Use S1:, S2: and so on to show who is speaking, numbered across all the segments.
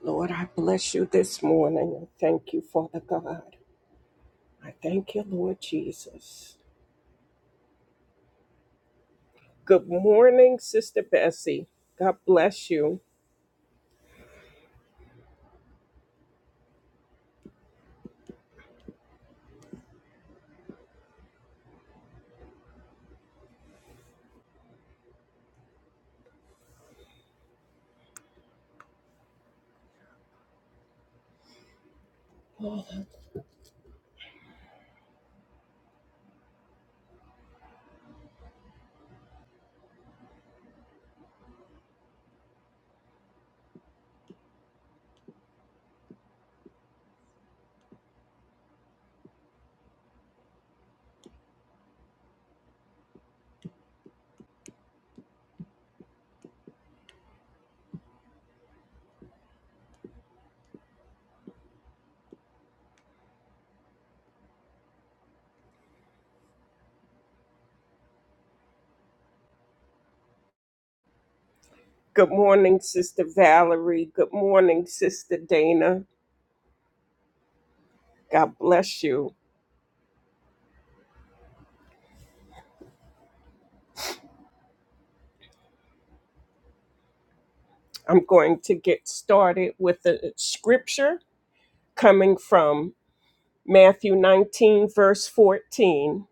S1: Lord, I bless you this morning. I thank you, Father God. I thank you, Lord Jesus. Good morning, Sister Bessie. God bless you. Good morning, Sister Valerie. Good morning, Sister Dana. God bless you. I'm going to get started with the scripture coming from Matthew 19, verse 14.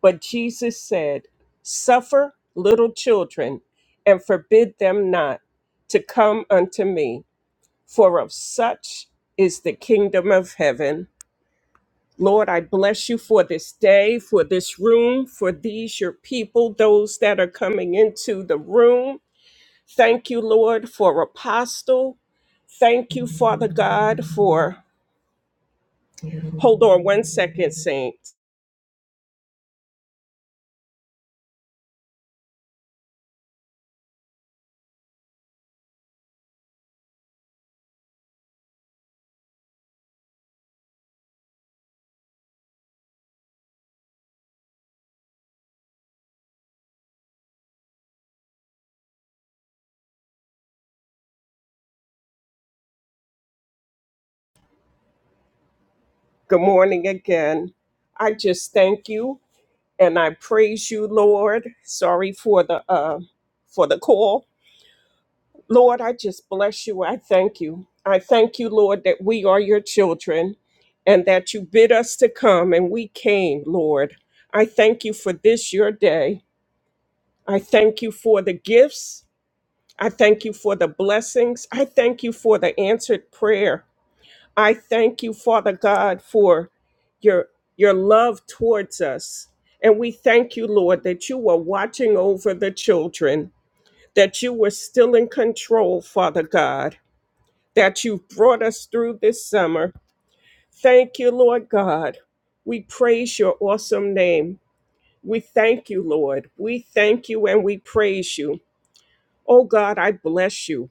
S1: But Jesus said, Suffer little children and forbid them not to come unto me, for of such is the kingdom of heaven. Lord, I bless you for this day, for this room, for these your people, those that are coming into the room. Thank you, Lord, for Apostle. Thank you, Father God, for. Hold on one second, Saints. Good morning again. I just thank you and I praise you, Lord. Sorry for the uh, for the call, Lord. I just bless you. I thank you. I thank you, Lord, that we are your children, and that you bid us to come, and we came, Lord. I thank you for this your day. I thank you for the gifts. I thank you for the blessings. I thank you for the answered prayer. I thank you, Father God, for your your love towards us. And we thank you, Lord, that you were watching over the children, that you were still in control, Father God, that you brought us through this summer. Thank you, Lord God. We praise your awesome name. We thank you, Lord. We thank you and we praise you. Oh God, I bless you.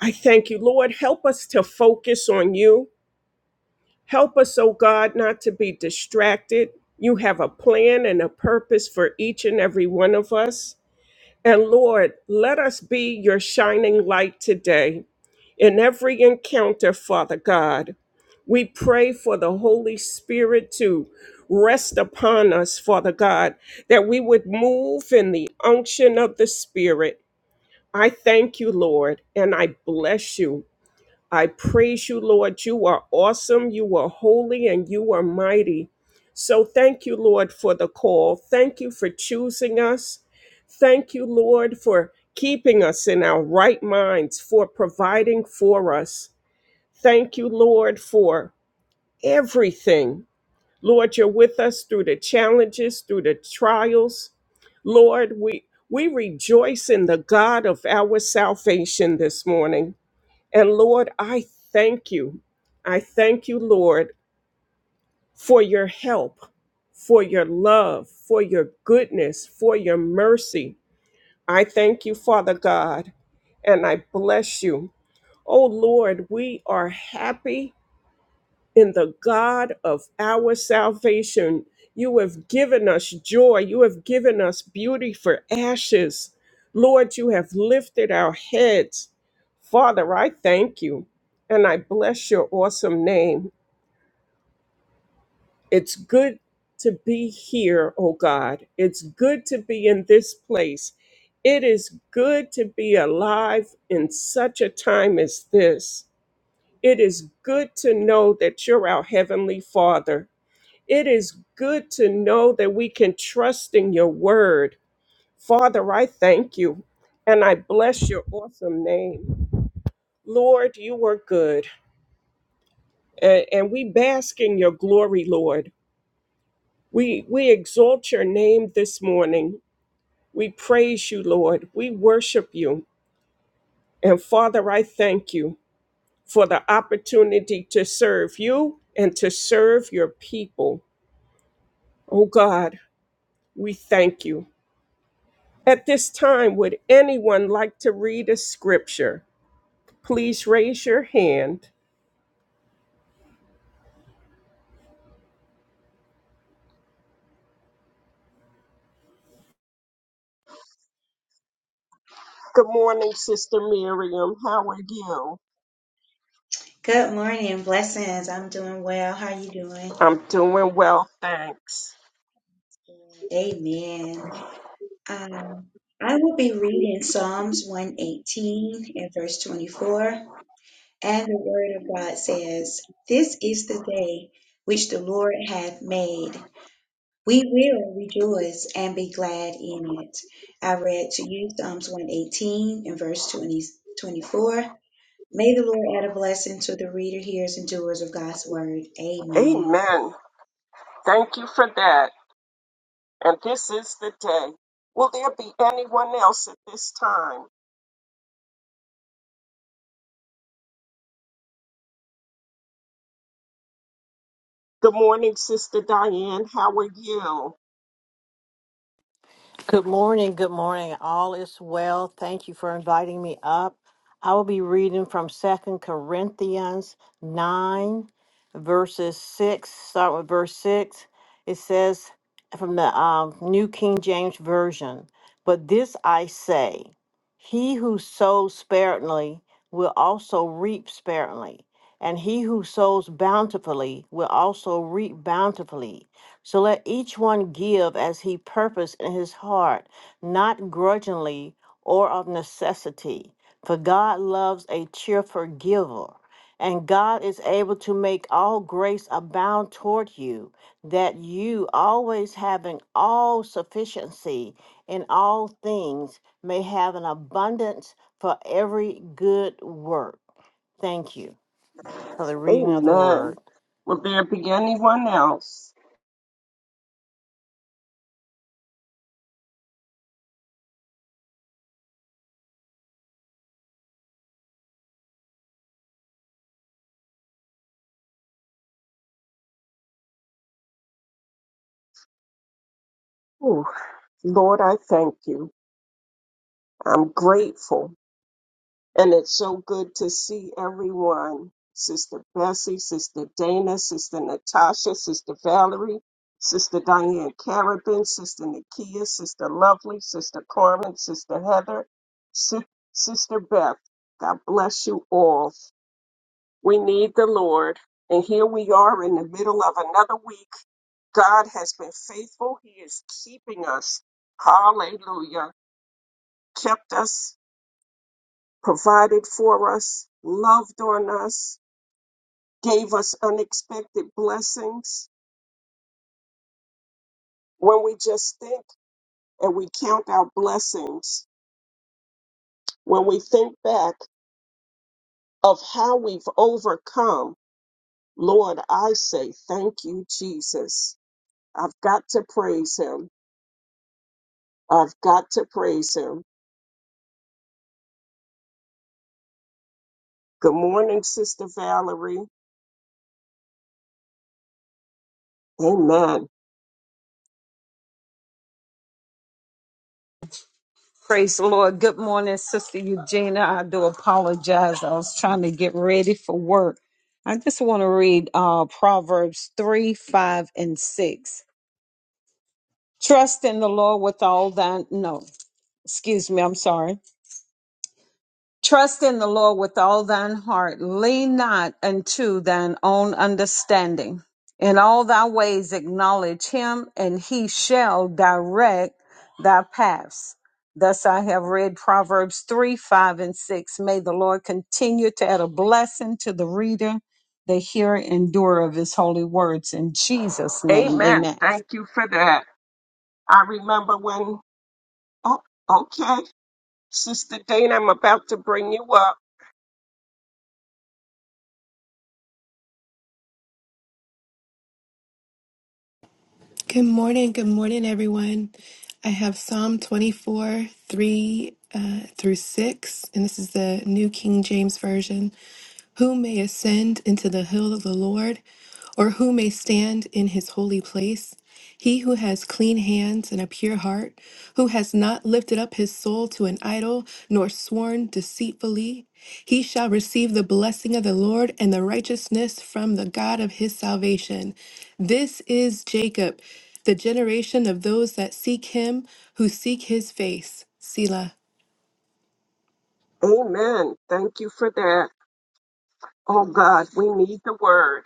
S1: I thank you, Lord. Help us to focus on you. Help us, O God, not to be distracted. You have a plan and a purpose for each and every one of us. And Lord, let us be your shining light today in every encounter, Father God. We pray for the Holy Spirit to rest upon us, Father God, that we would move in the unction of the Spirit. I thank you, Lord, and I bless you. I praise you, Lord. You are awesome, you are holy, and you are mighty. So thank you, Lord, for the call. Thank you for choosing us. Thank you, Lord, for keeping us in our right minds, for providing for us. Thank you, Lord, for everything. Lord, you're with us through the challenges, through the trials. Lord, we, we rejoice in the God of our salvation this morning. And Lord, I thank you. I thank you, Lord, for your help, for your love, for your goodness, for your mercy. I thank you, Father God, and I bless you. Oh, Lord, we are happy in the God of our salvation. You have given us joy. You have given us beauty for ashes. Lord, you have lifted our heads. Father, I thank you and I bless your awesome name. It's good to be here, oh God. It's good to be in this place. It is good to be alive in such a time as this. It is good to know that you're our Heavenly Father it is good to know that we can trust in your word. Father, I thank you and I bless your awesome name. Lord, you are good a- and we bask in your glory, Lord. We, we exalt your name this morning. We praise you, Lord. We worship you. And Father, I thank you for the opportunity to serve you and to serve your people. Oh God, we thank you. At this time, would anyone like to read a scripture? Please raise your hand. Good morning, Sister Miriam. How are you?
S2: Good morning, blessings. I'm doing well. How are you doing?
S1: I'm doing well, thanks.
S2: Amen. Um, I will be reading Psalms 118 and verse 24. And the word of God says, This is the day which the Lord hath made. We will rejoice and be glad in it. I read to you Psalms 118 and verse 20, 24. May the Lord add a blessing to the reader, hearers, and doers of God's word. Amen.
S1: Amen. Thank you for that. And this is the day. Will there be anyone else at this time? Good morning, Sister Diane. How are you?
S3: Good morning. Good morning. All is well. Thank you for inviting me up. I will be reading from Second Corinthians 9, verses 6. Start with verse 6. It says from the um, New King James Version But this I say, he who sows sparingly will also reap sparingly, and he who sows bountifully will also reap bountifully. So let each one give as he purposed in his heart, not grudgingly or of necessity, for God loves a cheerful giver. And God is able to make all grace abound toward you, that you, always having all sufficiency in all things, may have an abundance for every good work. Thank you for the reading of the
S1: Amen.
S3: word.
S1: Will there be anyone else? Ooh, Lord, I thank you. I'm grateful. And it's so good to see everyone Sister Bessie, Sister Dana, Sister Natasha, Sister Valerie, Sister Diane Carabin, Sister Nakia, Sister Lovely, Sister Carmen, Sister Heather, Sis- Sister Beth. God bless you all. We need the Lord. And here we are in the middle of another week. God has been faithful. He is keeping us. Hallelujah. Kept us provided for us, loved on us, gave us unexpected blessings. When we just think and we count our blessings, when we think back of how we've overcome, Lord, I say, thank you, Jesus. I've got to praise him. I've got to praise him. Good morning, Sister Valerie. Amen.
S4: Praise the Lord. Good morning, Sister Eugenia. I do apologize. I was trying to get ready for work. I just want to read uh, Proverbs 3, 5, and 6. Trust in the Lord with all thine, no, excuse me, I'm sorry. Trust in the Lord with all thine heart. Lean not unto thine own understanding. In all thy ways acknowledge him, and he shall direct thy paths. Thus I have read Proverbs 3, 5, and 6. May the Lord continue to add a blessing to the reader, the hearer, and doer of his holy words. In Jesus' name,
S1: Amen.
S4: amen.
S1: Thank you for that. I remember when, oh, okay. Sister Dana, I'm about to bring you up.
S5: Good morning. Good morning, everyone. I have Psalm 24, 3 uh, through 6, and this is the New King James Version. Who may ascend into the hill of the Lord, or who may stand in his holy place? He who has clean hands and a pure heart, who has not lifted up his soul to an idol, nor sworn deceitfully, he shall receive the blessing of the Lord and the righteousness from the God of his salvation. This is Jacob, the generation of those that seek him, who seek his face. Selah.
S1: Amen. Thank you for that. Oh God, we need the word.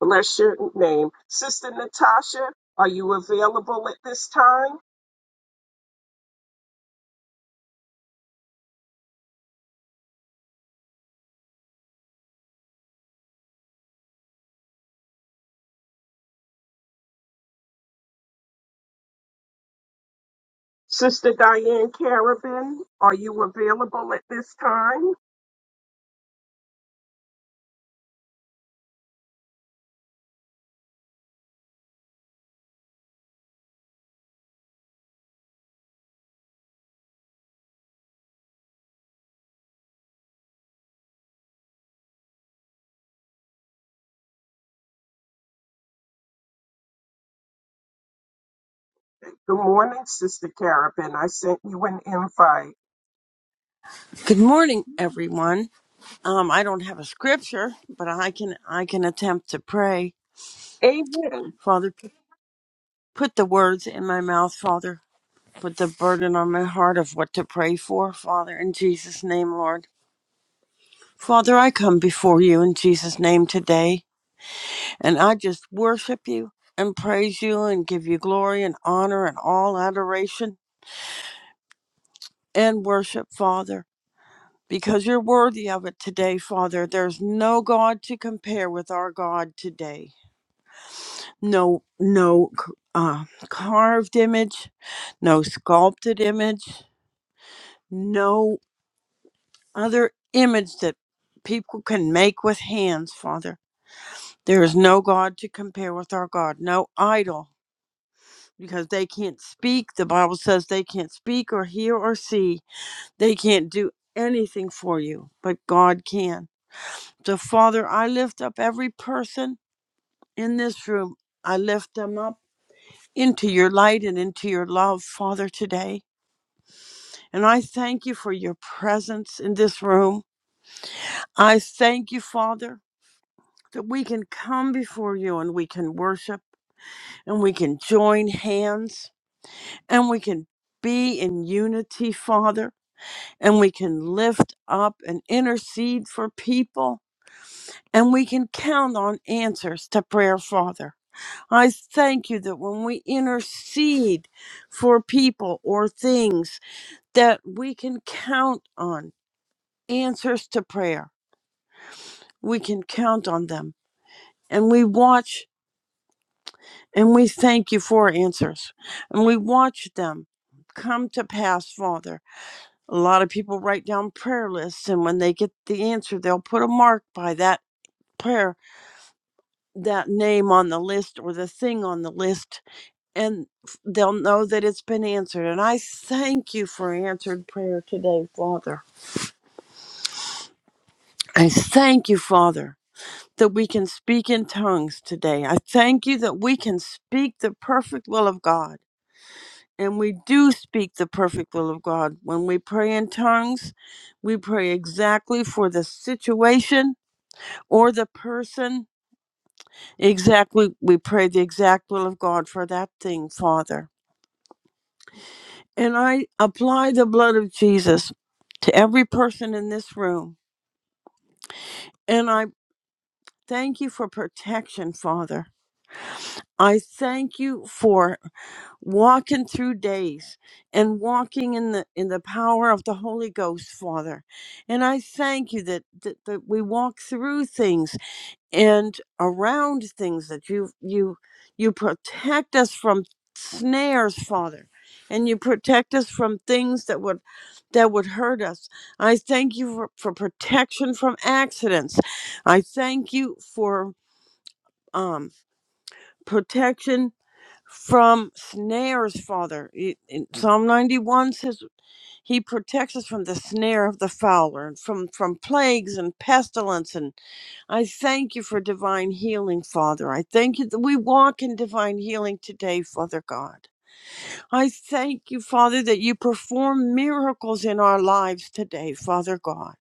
S1: Bless your name. Sister Natasha, are you available at this time? Sister Diane Carabin, are you available at this time? Good morning, Sister Carabin. I sent you an invite.
S6: Good morning, everyone. Um, I don't have a scripture, but I can I can attempt to pray.
S1: Amen.
S6: Father, p- put the words in my mouth, Father. Put the burden on my heart of what to pray for, Father, in Jesus' name, Lord. Father, I come before you in Jesus' name today, and I just worship you and praise you and give you glory and honor and all adoration and worship, Father, because you're worthy of it today, Father. There's no God to compare with our God today. no no c- uh, carved image no sculpted image no other image that people can make with hands father there is no god to compare with our god no idol because they can't speak the bible says they can't speak or hear or see they can't do anything for you but god can so father i lift up every person in this room i lift them up into your light and into your love father today And I thank you for your presence in this room. I thank you, Father, that we can come before you and we can worship and we can join hands and we can be in unity, Father, and we can lift up and intercede for people. And we can count on answers to prayer, Father. I thank you that when we intercede for people or things, that we can count on answers to prayer we can count on them. And we watch and we thank you for answers. And we watch them come to pass, Father. A lot of people write down prayer lists, and when they get the answer, they'll put a mark by that prayer, that name on the list, or the thing on the list, and they'll know that it's been answered. And I thank you for answered prayer today, Father. I thank you, Father that we can speak in tongues today. I thank you that we can speak the perfect will of God. And we do speak the perfect will of God. When we pray in tongues, we pray exactly for the situation or the person. Exactly, we pray the exact will of God for that thing, Father. And I apply the blood of Jesus to every person in this room. And I thank you for protection, Father. I thank you for walking through days and walking in the in the power of the holy ghost father and i thank you that that, that we walk through things and around things that you you you protect us from snares father and you protect us from things that would that would hurt us i thank you for, for protection from accidents i thank you for um protection from snares, Father. It- in Psalm 91 says he protects us from the snare of the fowler and from, from plagues and pestilence. And I thank you for divine healing, Father. I thank you that we walk in divine healing today, Father God. I thank you, Father, that you perform miracles in our lives today, Father God.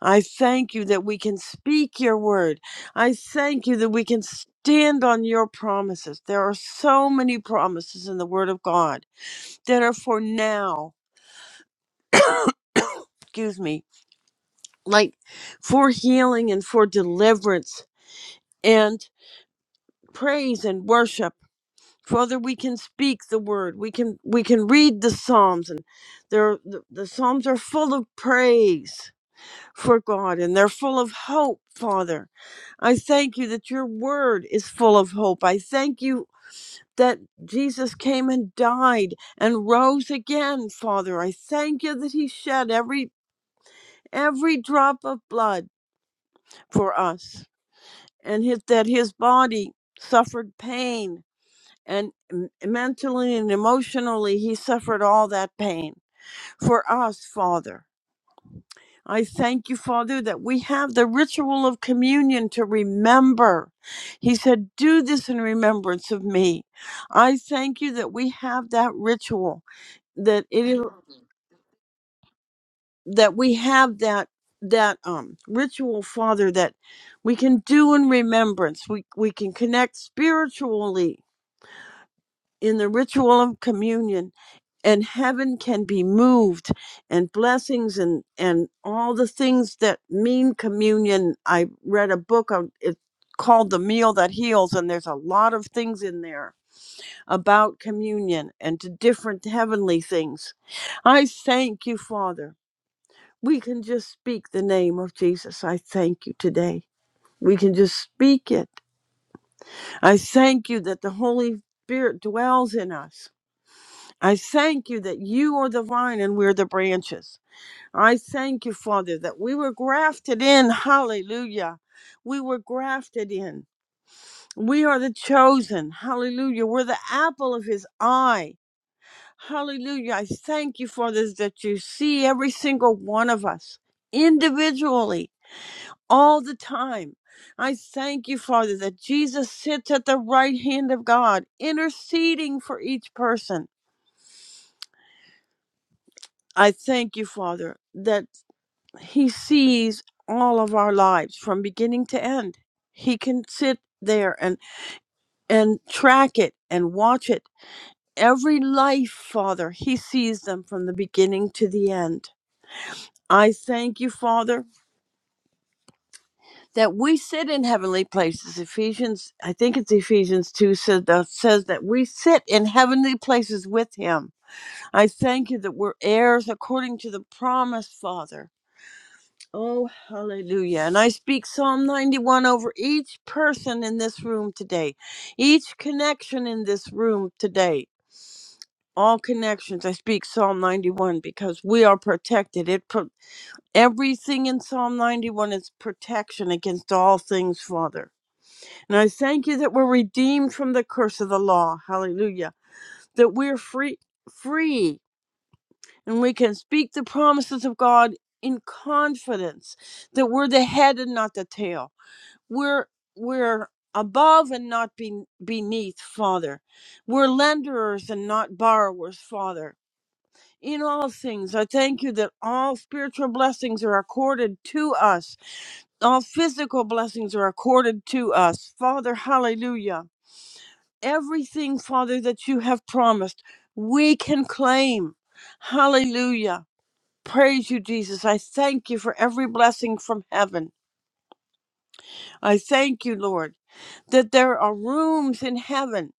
S6: I thank you that we can speak your word. I thank you that we can stand on your promises. There are so many promises in the word of God that are for now, excuse me, like for healing and for deliverance and praise and worship. Father, we can speak the word. We can we can read the Psalms and there the, the Psalms are full of praise for God and they're full of hope, Father. I thank you that your word is full of hope. I thank you that Jesus came and died and rose again, Father. I thank you that he shed every every drop of blood for us and his, that his body suffered pain and m- mentally and emotionally he suffered all that pain for us, Father. I thank you, Father, that we have the ritual of communion to remember. He said, Do this in remembrance of me. I thank you that we have that ritual, that it is that we have that that um ritual, Father, that we can do in remembrance. We we can connect spiritually in the ritual of communion and heaven can be moved and blessings and and all the things that mean communion i read a book on it's called the meal that heals and there's a lot of things in there about communion and to different heavenly things i thank you father we can just speak the name of jesus i thank you today we can just speak it i thank you that the holy spirit dwells in us i thank you that you are the vine and we're the branches I thank you, Father, that we were grafted in. Hallelujah. We were grafted in. We are the chosen. Hallelujah. We're the apple of his eye. Hallelujah. I thank you, Father, that you see every single one of us individually all the time. I thank you, Father, that Jesus sits at the right hand of God, interceding for each person. I thank you, Father, that He sees all of our lives from beginning to end. He can sit there and and track it and watch it. Every life, Father, he sees them from the beginning to the end. I thank you, Father, that we sit in heavenly places. Ephesians, I think it's Ephesians 2 says that, says that we sit in heavenly places with him. I thank you that we're heirs according to the promise, Father Oh, hallelujah. And I speak Psalm 91 over each person in this room today, each connection in this room today. All connections, I speak Psalm 91 because we are protected. It pro- everything in Psalm 91 is protection against all things, Father. And I thank you that we're redeemed from the curse of the law. Hallelujah. That we're free free and we can speak the promises of God in confidence that we're the head and not the tail we're we're above and not be, beneath father we're lenders and not borrowers father in all things i thank you that all spiritual blessings are accorded to us all physical blessings are accorded to us father hallelujah everything father that you have promised we can claim hallelujah praise you jesus i thank you for every blessing from heaven i thank you lord that there are rooms in heaven.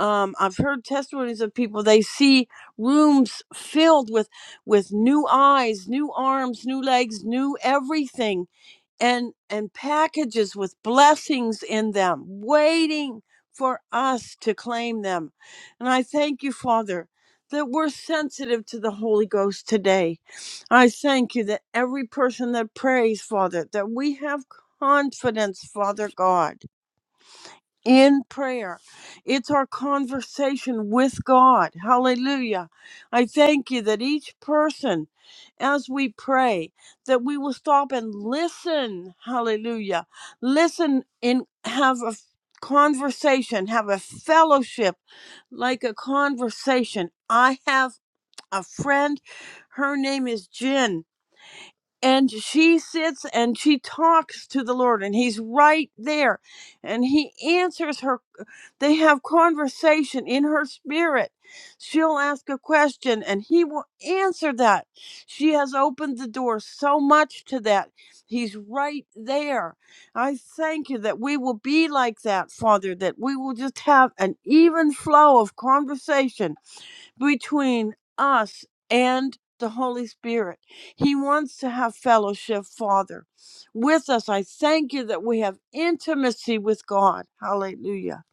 S6: Um, I've heard testimonies of people they see rooms filled with with new eyes, new arms, new legs, new everything, and and packages with blessings in them, waiting for us to claim them. And I thank you, Father, that we're sensitive to the Holy Ghost today. I thank you that every person that prays, Father, that we have confidence, Father God in prayer. It's our conversation with God. Hallelujah. I thank you that each person, as we pray, that we will stop and listen. Hallelujah. Listen and have a f- conversation, have a fellowship like a conversation. I have a friend. Her name is Jen and she sits and she talks to the lord and he's right there and he answers her they have conversation in her spirit she'll ask a question and he will answer that she has opened the door so much to that he's right there i thank you that we will be like that father that we will just have an even flow of conversation between us and the Holy Spirit. He wants to have fellowship, Father, with us. I thank you that we have intimacy with God. Hallelujah.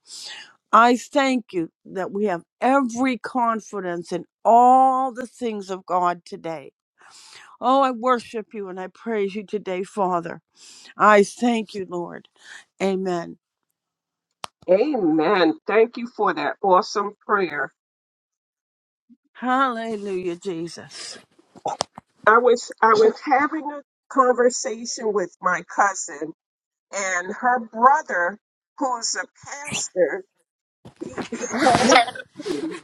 S6: I thank you that we have every confidence in all the things of God today. Oh, I worship you and I praise you today, Father. I thank you, Lord. Amen.
S1: Amen. Thank you for that awesome prayer.
S6: Hallelujah, Jesus.
S1: I was I was having a conversation with my cousin and her brother, who's a pastor, he, he had a dream,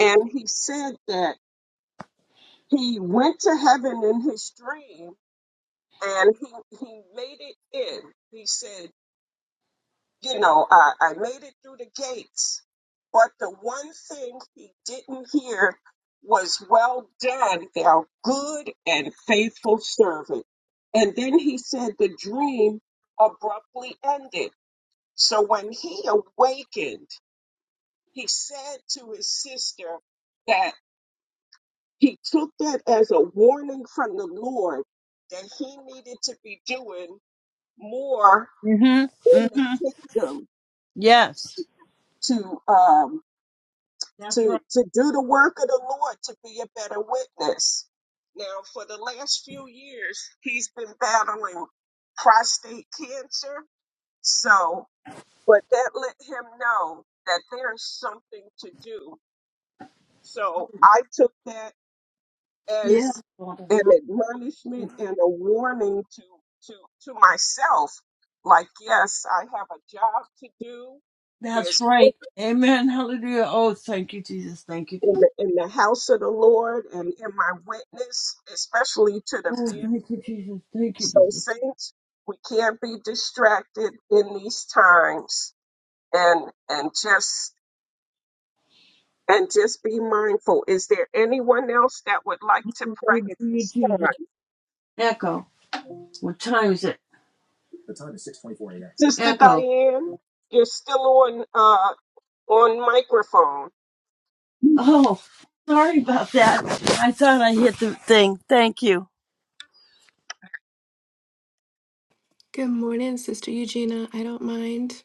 S1: and he said that he went to heaven in his dream, and he he made it in. He said, you know, I, I made it through the gates, but the one thing he didn't hear was, "Well done, thou good and faithful servant." And then he said the dream abruptly ended. So when he awakened he said to his sister that he took that as a warning from the Lord that he needed to be doing more
S6: Mm-hmm.
S1: in the
S6: Mm-hmm.
S1: kingdom
S6: Yes.
S1: to um
S6: That's
S1: to
S6: right.
S1: to do the work of the Lord to be a better witness. Now for the last few years he's been battling prostate cancer. So but that let him know that there's something to do. So I took that
S6: Yeah.
S1: as
S6: Father.
S1: an admonishment and a warning to to to myself like yes i have a job to do
S6: That's
S1: there's work
S6: right.
S1: to- do
S6: Amen. Hallelujah. Oh, thank you, Jesus. Thank you,
S1: in
S6: Jesus.
S1: the, in the house of the lord and in my witness especially to the
S6: Oh,
S1: family
S6: thank you, Jesus. Thank you,
S1: so
S6: Jesus.
S1: saints we can't be distracted in these times and and just and just be mindful is there anyone else that would like to pray at
S6: Hallelujah,
S1: this time
S6: Jesus. Echo. What time is it?
S1: Sister
S6: Echo.
S1: Diane, you're still on uh on microphone.
S6: Oh, sorry about that. I thought I hit the thing. Thank you.
S5: Good morning, Sister Eugenia. I don't mind.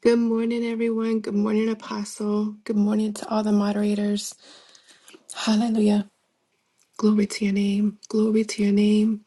S5: Good morning, everyone. Good morning, Apostle. Good morning to all the moderators. Hallelujah. Glory to your name. Glory to your name.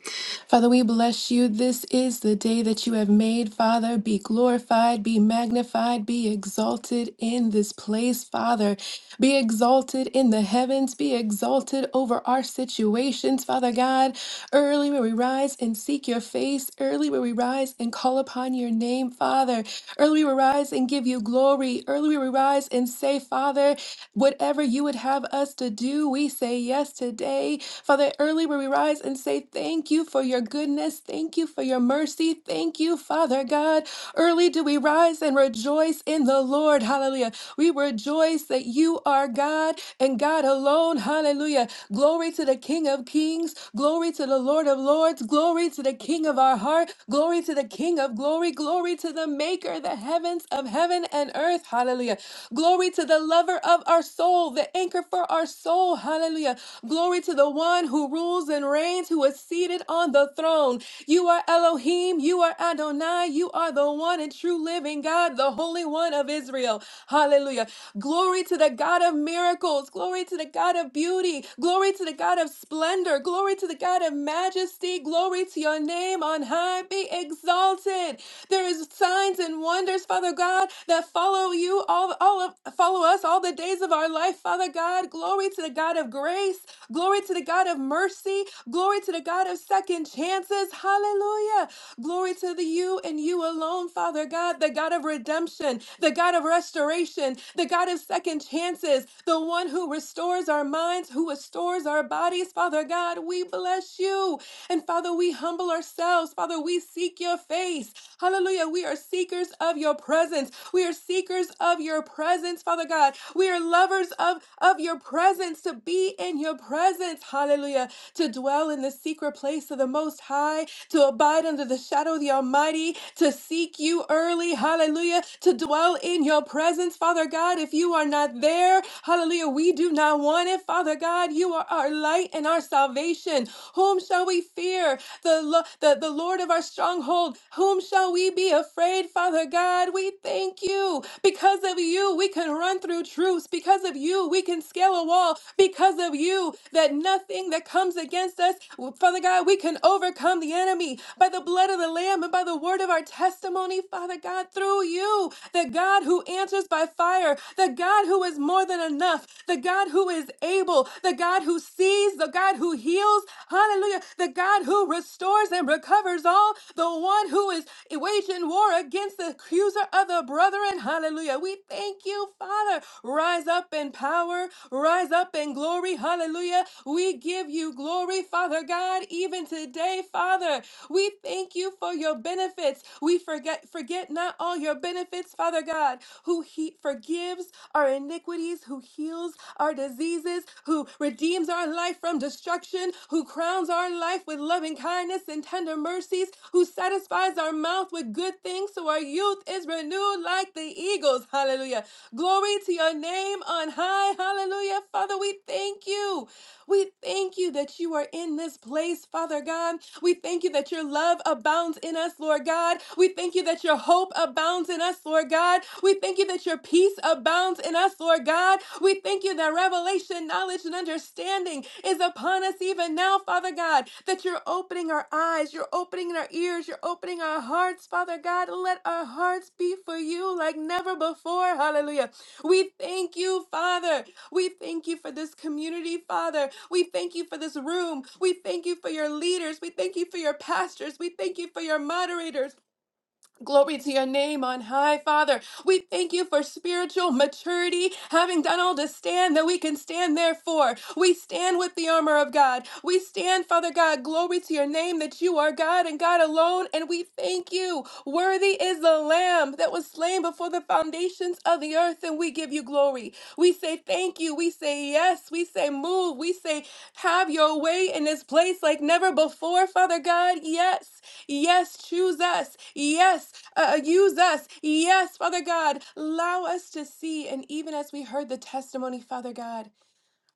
S5: Father, we bless you. This is the day that you have made. Father, be glorified, be magnified, be exalted in this place. Father, be exalted in the heavens, be exalted over our situations. Father God, early will we rise and seek your face. Early will we rise and call upon your name, Father. Early will we rise and give you glory. Early will we rise and say, Father, whatever you would have us to do, we say yes today day. Father, early where we rise and say, Thank you for your goodness. Thank you for your mercy. Thank you, Father God. Early do we rise and rejoice in the Lord. Hallelujah. We rejoice that you are God and God alone. Hallelujah. Glory to the King of Kings. Glory to the Lord of Lords. Glory to the King of our heart. Glory to the King of glory. Glory to the Maker, the heavens of heaven and earth. Hallelujah. Glory to the lover of our soul, the anchor for our soul. Hallelujah. Glory to Glory to the one who rules and reigns, who is seated on the throne. You are Elohim, you are Adonai, you are the one and true living God, the Holy One of Israel. Hallelujah. Glory to the God of miracles. Glory to the God of beauty. Glory to the God of splendor. Glory to the God of majesty. Glory to your name on high. Be exalted. There is signs and wonders, Father God, that follow you all, all of follow us all the days of our life, Father God. Glory to the God of grace. Glory to the God of mercy. Glory to the God of second chances. Hallelujah. Glory to the you and you alone, Father God, the God of redemption, the God of restoration, the God of second chances, the one who restores our minds, who restores our bodies. Father God, we bless you. And Father, we humble ourselves. Father, we seek your face. Hallelujah. We are seekers of your presence. We are seekers of your presence, Father God. We are lovers of, of your presence to be in your presence presence, hallelujah, to dwell in the secret place of the Most High, to abide under the shadow of the Almighty, to seek you early, hallelujah, to dwell in your presence, Father God. If you are not there, hallelujah, we do not want it, Father God. You are our light and our salvation. Whom shall we fear? The, lo- the, the Lord of our stronghold. Whom shall we be afraid, Father God? We thank you. Because of you, we can run through troops. Because of you, we can scale a wall. Because of you, that nothing that comes against us, Father God, we can overcome the enemy by the blood of the Lamb and by the word of our testimony, Father God, through you, the God who answers by fire, the God who is more than enough, the God who is able, the God who sees, the God who heals, hallelujah, the God who restores and recovers all, the one who is waging war against the accuser of the brethren, hallelujah. We thank you, Father. Rise up in power, rise up in glory, hallelujah. Hallelujah. We give you glory, Father God, even today, Father. We thank you for your benefits. We forget forget not all your benefits, Father God, who he forgives our iniquities, who heals our diseases, who redeems our life from destruction, who crowns our life with loving kindness and tender mercies, who satisfies our mouth with good things so our youth is renewed like the eagles. Hallelujah. Glory to your name on high. Hallelujah. Father, we thank you. We thank you that you are in this place, Father God. We thank you that your love abounds in us, Lord God. We thank you that your hope abounds in us, Lord God. We thank you that your peace abounds in us, Lord God. We thank you that revelation, knowledge, and understanding is upon us even now, Father God, that you're opening our eyes, you're opening our ears, you're opening our hearts, Father God. Let our hearts be for you like never before. Hallelujah. We thank you, Father. We thank you for this community, Father. We thank you for this room. We thank you for your leaders. We thank you for your pastors. We thank you for your moderators. Glory to your name on high, Father. We thank you for spiritual maturity, having done all to stand that we can stand therefore. We stand with the armor of God. We stand, Father God, glory to your name that you are God and God alone, and we thank you. Worthy is the Lamb that was slain before the foundations of the earth, and we give you glory. We say thank you. We say yes. We say move. We say have your way in this place like never before, Father God. Yes. Yes, choose us. Yes, uh, use us. Yes, Father God. Allow us to see. And even as we heard the testimony, Father God,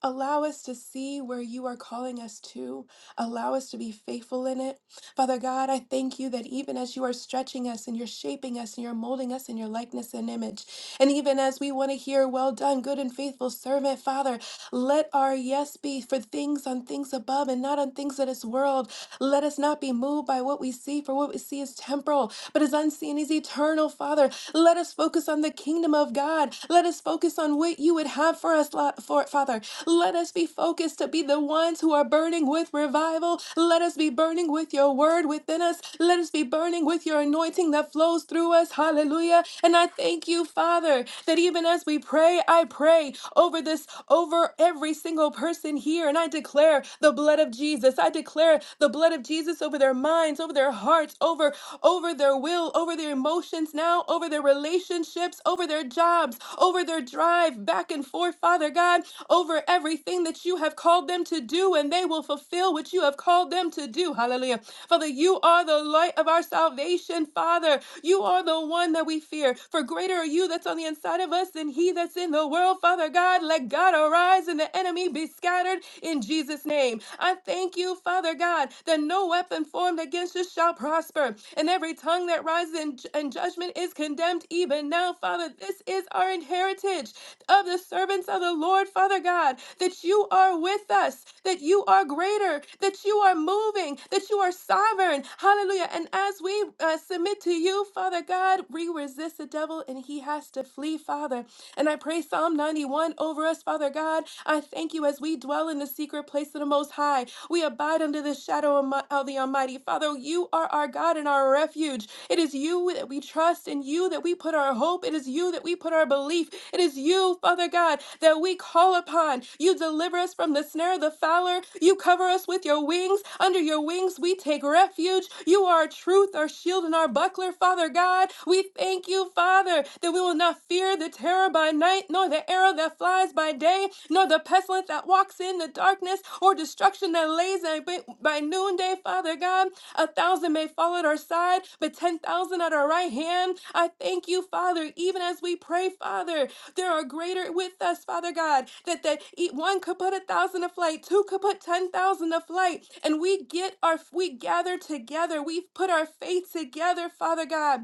S5: allow us to see where you are calling us to. Allow us to be faithful in it. Father God, I thank you that even as you are stretching us and you're shaping us and you're molding us in your likeness and image, and even as we want to hear, well done, good and faithful servant, Father, let our yes be for things on things above and not on things of this world. Let us not be moved by what we see, for what we see is temporal, but is unseen is eternal, Father. Let us focus on the kingdom of God. Let us focus on what you would have for us, Lo- for, Father. Let us be focused to be the ones who are burning with revival. Let us be burning with your word within us. Let us be burning with your anointing that flows through us. Hallelujah. And I thank you, Father, that even as we pray, I pray over this, over every single person here. And I declare the blood of Jesus. I declare the blood of Jesus over their minds, over their hearts, over, over their will, over their emotions now, over their relationships, over their jobs, over their drive back and forth, Father God, over everything that you have called them to do, and they will fulfill what you have called them to do. Hallelujah. Father, you are the light of our salvation, Father. Father. You are the one that we fear. For greater are you that's on the inside of us than he that's in the world, Father God. Let God arise and the enemy be scattered in Jesus' name. I thank you, Father God, that no weapon formed against us shall prosper, and every tongue that rises in, in judgment is condemned even now, Father. This is our inheritance of the servants of the Lord, Father God, that you are with us, that that you are greater, that you are moving, that you are sovereign. Hallelujah. And as we uh, submit to you, Father God, we resist the devil and he has to flee, Father. And I pray Psalm 91 over us, Father God. I thank you as we dwell in the secret place of the Most High. We abide under the shadow of my- of the Almighty. Father, you are our God and our refuge. It is you that we trust, in you that we put our hope. It is you that that we put our belief. It is you, Father God, that we call upon. You deliver us from the snare of the fowler. You cover us with your wings. Under your wings, we take refuge. You are our truth, our shield, and our buckler, Father God. We thank you, Father, that we will not fear the terror by night, nor the arrow that flies by day, nor the pestilence that walks in the darkness, or destruction that lays at- by noonday, Father God. A thousand may fall at our side, but 10,000 at our right hand. I thank you, Father, even as we pray, Father, there are greater with us, Father God, that that e- one could put a thousand a flight, two could put ten thousand a flight, and we get our we gather together, we put our faith together, Father God,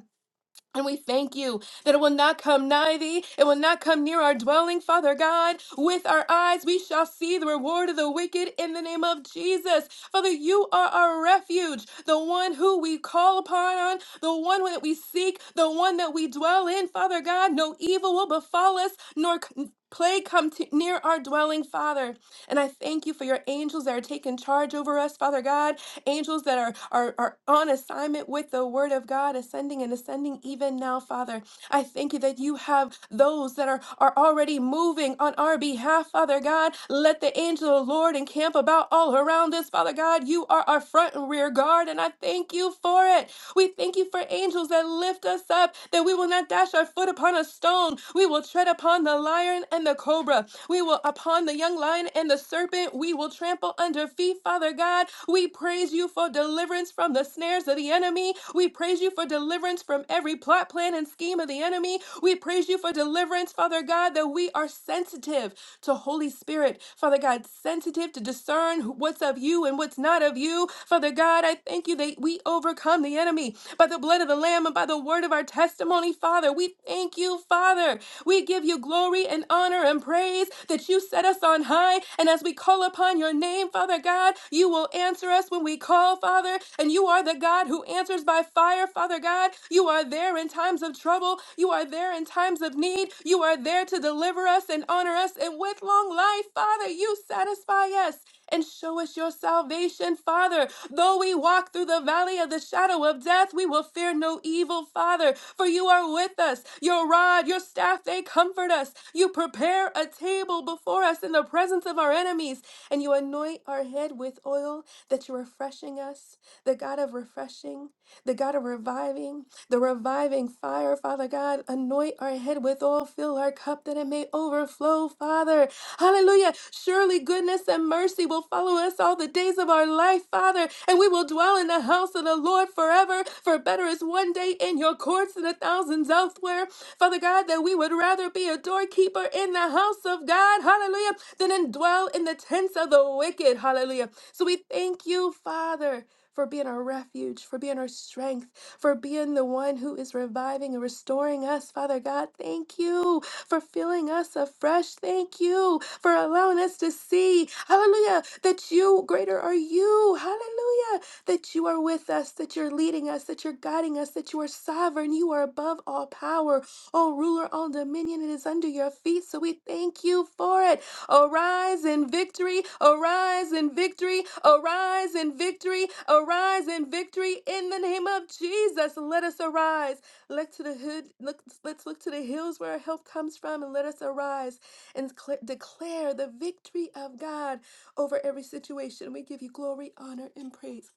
S5: and we thank you that it will not come nigh thee, it will not come near our dwelling, Father God. With our eyes we shall see the reward of the wicked in the name of Jesus. Father, you are our refuge, the one who we call upon, on, the one that we seek, the one that we dwell in, Father God. No evil will befall us, nor c- plague come to near our dwelling, Father. And I thank you for your angels that are taking charge over us, Father God angels that are, are, are on assignment with the word of God, ascending and ascending even now, Father. I thank you that you have those that are, are already moving on our behalf, Father God. Let the angel of the Lord encamp about all around us, Father God. You are our front and rear guard, and I thank you for it. We thank you for angels that lift us up, that we will not dash our foot upon a stone. We will tread upon the lion and the cobra. We will upon the young lion and the serpent. We will trample under feet, Father God. We praise you for deliverance from the snares of the enemy. We praise you for deliverance from every plot, plan, and scheme of the enemy. We praise you for deliverance, Father God, that we are sensitive to Holy Spirit, Father God, sensitive to discern what's of you and what's not of you. Father God, I thank you that we overcome the enemy by the blood of the Lamb and by the word of our testimony, Father. We thank you, Father. We give you glory and honor and praise that you set us on high. And as we call upon your name, Father God, you will answer us when we call, Father. And you are the God who answers by fire, Father God. You are there in times of trouble. You are there in times of need. You are there to deliver us and honor us. And with long life, Father, you satisfy us and show us your salvation, Father. Though we walk through the valley of the shadow of death, we will fear no evil, Father, for you are with us. Your rod, your staff, they comfort us. You prepare a table before us in the presence of our enemies, and you anoint our head with oil that you're refreshing us, the God of refreshing the God of reviving, the reviving fire, Father God. Anoint our head with oil, fill our cup that it may overflow, Father. Hallelujah. Surely goodness and mercy will follow us all the days of our life, Father, and we will dwell in the house of the Lord forever. For better is one day in your courts than a thousand elsewhere. Father God, that we would rather be a doorkeeper in the house of God, hallelujah, than in dwell in the tents of the wicked, hallelujah. So we thank you, Father for being our refuge, for being our strength, for being the one who is reviving and restoring us, Father God. Thank you for filling us afresh. Thank you for allowing us to see, hallelujah, that you, greater are you, hallelujah, that you are with us, that you're leading us, that you're guiding us, that you are sovereign, you are above all power, all ruler, all dominion. It is under your feet. So we thank you for it. Arise in victory, arise in victory, arise in victory, arise in victory in the name of Jesus. Let us arise. Look to the hood, look, let's look to the hills where our help comes from and let us arise and cl- declare the victory of God over every situation. We give you glory, honor, and praise.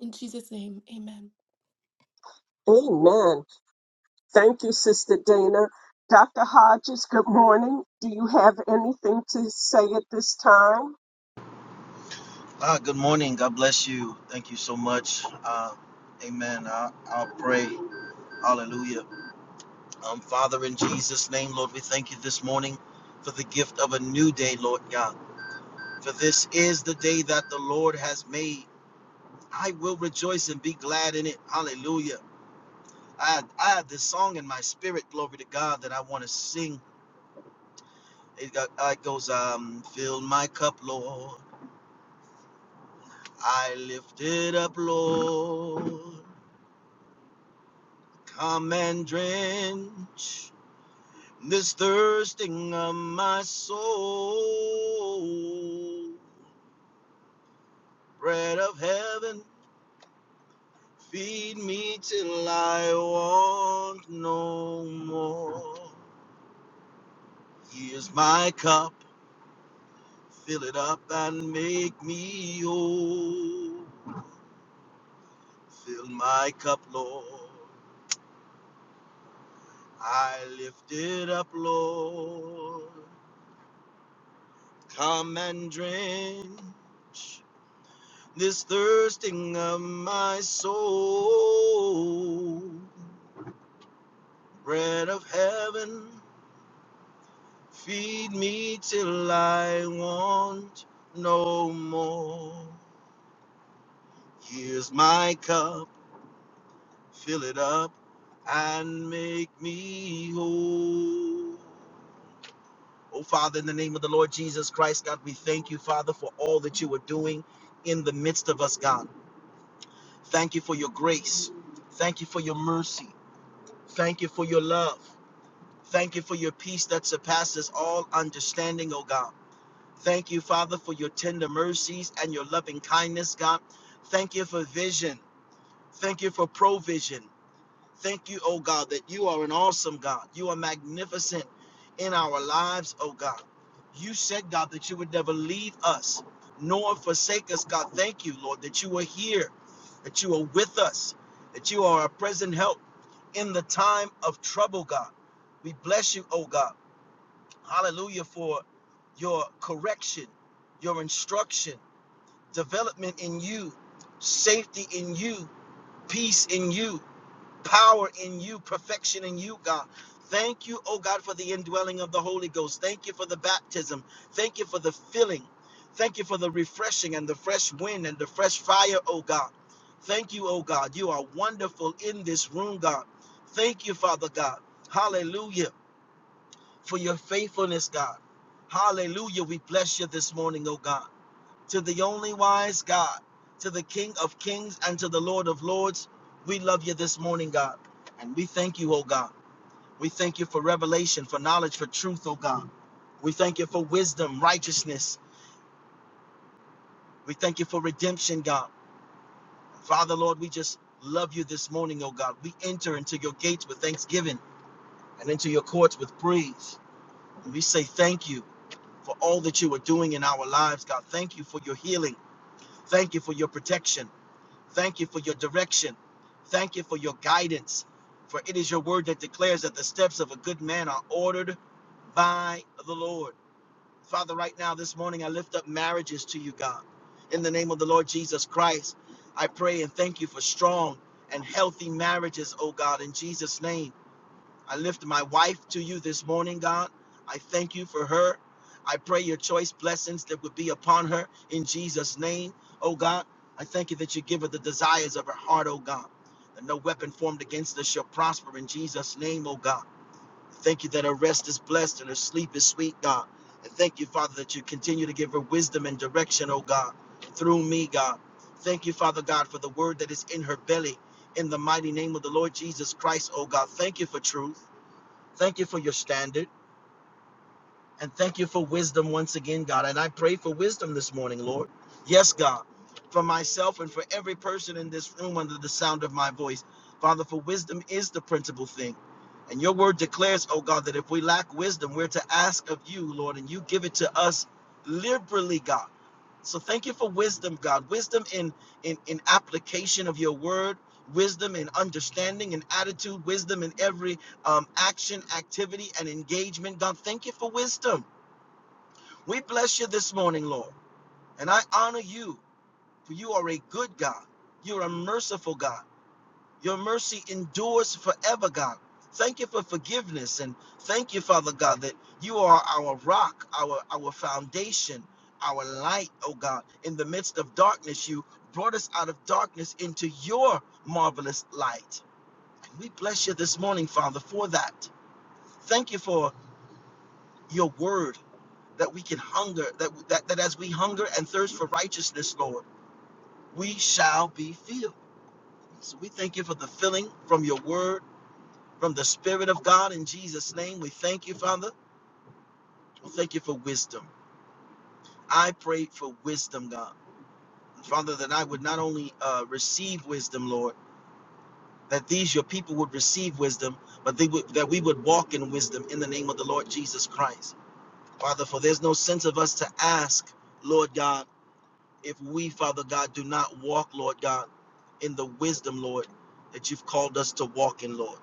S5: In Jesus' name, amen.
S1: Amen. Thank you, Sister Dana. Dr. Hodges, good morning. Do you have anything to say at this time?
S7: Ah, good morning. God bless you. Thank you so much. Uh, amen. I, I'll pray. Hallelujah. Um, Father, in Jesus' name, Lord, we thank you this morning for the gift of a new day, Lord God. For this is the day that the Lord has made. I will rejoice and be glad in it. Hallelujah. I, I have this song in my spirit, glory to God, that I want to sing. It, got, uh, it goes, um, fill my cup, Lord. I lift it up, Lord. Come and drench this thirsting of my soul. Bread of heaven, feed me till I want no more. Here's my cup, fill it up and make me whole. Fill my cup, Lord. I lift it up, Lord. Come and drench. this thirsting of my soul. Bread of heaven, feed me till I want no more. Here's my cup, fill it up and make me whole. Oh, Father, in the name of the Lord Jesus Christ, God, we thank you, Father, for all that you are doing in the midst of us, God. Thank you for your grace. Thank you for your mercy. Thank you for your love. Thank you for your peace that surpasses all understanding, oh God. Thank you, Father, for your tender mercies and your loving kindness, God. Thank you for vision. Thank you for provision. Thank you, oh God, that you are an awesome God. You are magnificent in our lives, oh God. You said, God, that you would never leave us nor forsake us, God. Thank you, Lord, that you are here, that you are with us, that you are our present help in the time of trouble, God. We bless you, oh God. Hallelujah for your correction, your instruction, development in you, safety in you, peace in you power in you, perfection in you, God. Thank you, oh God, for the indwelling of the Holy Ghost. Thank you for the baptism. Thank you for the filling. Thank you for the refreshing and the fresh wind and the fresh fire, oh God. Thank you, oh God. You are wonderful in this room, God. Thank you, Father God. Hallelujah for your faithfulness, God. Hallelujah. We bless you this morning, oh God to the only wise God, to the King of kings and to the Lord of lords. We love you this morning, God. And we thank you, oh God. We thank you for revelation, for knowledge, for truth, oh God. We thank you for wisdom, righteousness. We thank you for redemption, God. Father, Lord, we just love you this morning, oh God. We enter into your gates with thanksgiving and into your courts with praise. And we say thank you for all that you are doing in our lives, God. Thank you for your healing. Thank you for your protection. Thank you for your direction. Thank you for your guidance. For it is your word that declares that the steps of a good man are ordered by the Lord. Father, right now, this morning, I lift up marriages to you, God. In the name of the Lord Jesus Christ, I pray and thank you for strong and healthy marriages, oh God, in Jesus' name. I lift my wife to you this morning, God. I thank you for her. I pray your choice blessings that would be upon her in Jesus' name, oh God. I thank you that you give her the desires of her heart, oh God. That no weapon formed against us shall prosper in Jesus' name, oh God. I Thank you that her rest is blessed and her sleep is sweet, God. And thank you, Father, that you continue to give her wisdom and direction, oh God, through me, God. Thank you, Father God, for the word that is in her belly in the mighty name of the Lord Jesus Christ, oh God. Thank you for truth. Thank you for your standard. And thank you for wisdom once again, God. And I pray for wisdom this morning, Lord. Yes, God. For myself and for every person in this room under the sound of my voice. Father, for wisdom is the principal thing. And your word declares, oh God, that if we lack wisdom, we're to ask of you, Lord, and you give it to us liberally, God. So thank you for wisdom, God. Wisdom in in in application of your word, wisdom in understanding and attitude, wisdom in every um, action, activity, and engagement. God, thank you for wisdom. We bless you this morning, Lord, and I honor you, for you are a good God. You're a merciful God. Your mercy endures forever, God. Thank you for forgiveness and thank you, Father God, that you are our rock, our our foundation, our light, oh God. In the midst of darkness, you brought us out of darkness into your marvelous light. And We bless you this morning, Father, for that. Thank you for your word that we can hunger, that, that, that as we hunger and thirst for righteousness, Lord, we shall be filled. So we thank you for the filling from your word from the Spirit of God in Jesus' name. We thank you, Father. We thank you for wisdom. I pray for wisdom, God. Father, that I would not only uh, receive wisdom, Lord, that these your people would receive wisdom, but they would, that we would walk in wisdom in the name of the Lord Jesus Christ. Father, for there's no sense of us to ask, Lord God, if we, Father God, do not walk, Lord God, in the wisdom, Lord, that you've called us to walk in, Lord.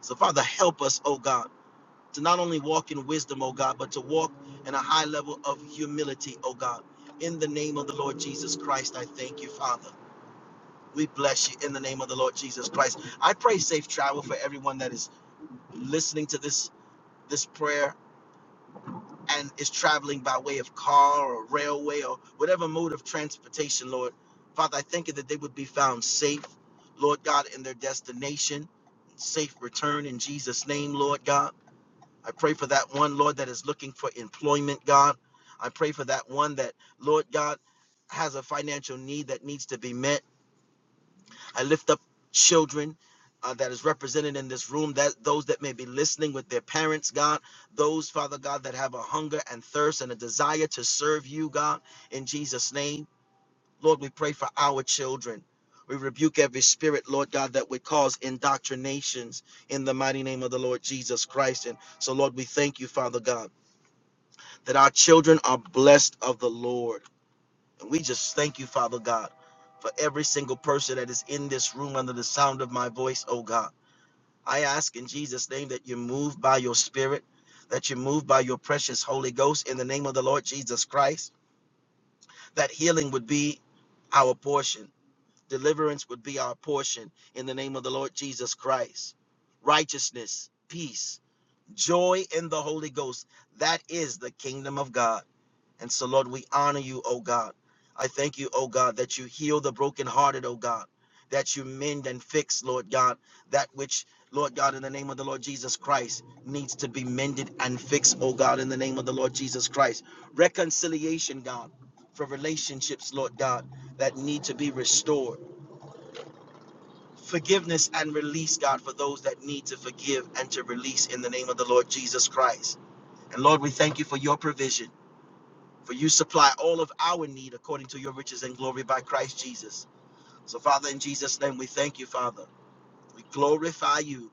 S7: So, Father, help us, oh God. to not only walk in wisdom, oh God, but to walk in a high level of humility, oh God. In the name of the Lord Jesus Christ, I thank you, Father. We bless you in the name of the Lord Jesus Christ. I pray safe travel for everyone that is listening to this this prayer and is traveling by way of car or railway or whatever mode of transportation, Lord. Father, I thank you that they would be found safe, Lord God, in their destination. Safe return in Jesus' name, Lord God. I pray for that one, Lord, that is looking for employment, God. I pray for that one that, Lord God, has a financial need that needs to be met. I lift up children. Uh, that is represented in this room that those that may be listening with their parents god those father god that have a hunger and thirst and a desire to serve you god in jesus name lord we pray for our children we rebuke every spirit lord god that would cause indoctrinations in the mighty name of the lord jesus christ and so lord we thank you father god that our children are blessed of the Lord. And we just thank you, Father God, for every single person that is in this room under the sound of my voice, oh God. I ask in Jesus' name that you move by your spirit, that you move by your precious Holy Ghost in the name of the Lord Jesus Christ, that healing would be our portion, deliverance would be our portion in the name of the Lord Jesus Christ, righteousness, peace, joy in the Holy Ghost. That is the kingdom of God. And so, Lord, we honor you, O God. I thank you, O God, that you heal the brokenhearted, O God, that you mend and fix, Lord God, that which, Lord God, in the name of the Lord Jesus Christ, needs to be mended and fixed, O God, in the name of the Lord Jesus Christ. Reconciliation, God, for relationships, Lord God, that need to be restored. Forgiveness and release, God, for those that need to forgive and to release in the name of the Lord Jesus Christ. And Lord, we thank you for your provision. For you supply all of our need according to your riches and glory by Christ Jesus. So, Father, in Jesus' name, we thank you, Father. We glorify you.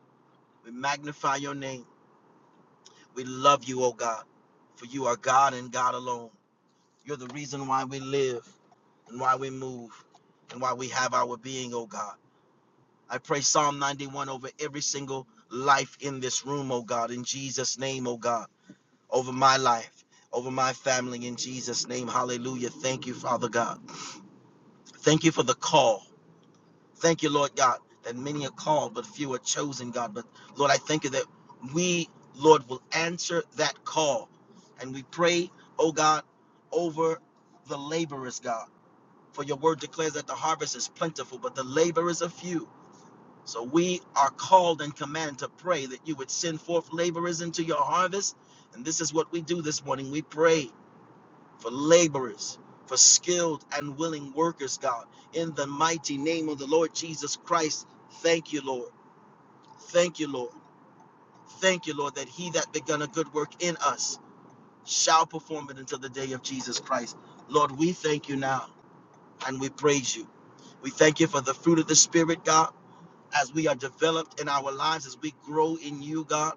S7: We magnify your name. We love you, O God, for you are God and God alone. You're the reason why we live and why we move and why we have our being, O God. I pray Psalm 91 over every single life in this room, O God, in Jesus' name, O God, over my life, over my family, in Jesus' name. Hallelujah. Thank you, Father God. Thank you for the call. Thank you, Lord God, that many are called, but few are chosen, God. But Lord, I thank you that we, Lord, will answer that call. And we pray, oh God, over the laborers, God. For your word declares that the harvest is plentiful, but the laborers are few. So we are called and commanded to pray that you would send forth laborers into your harvest. And this is what we do this morning. We pray for laborers, for skilled and willing workers, God. In the mighty name of the Lord Jesus Christ, thank you, Lord. Thank you, Lord. Thank you, Lord, that he that begun a good work in us shall perform it until the day of Jesus Christ. Lord, we thank you now and we praise you. We thank you for the fruit of the Spirit, God as we are developed in our lives, as we grow in you, God.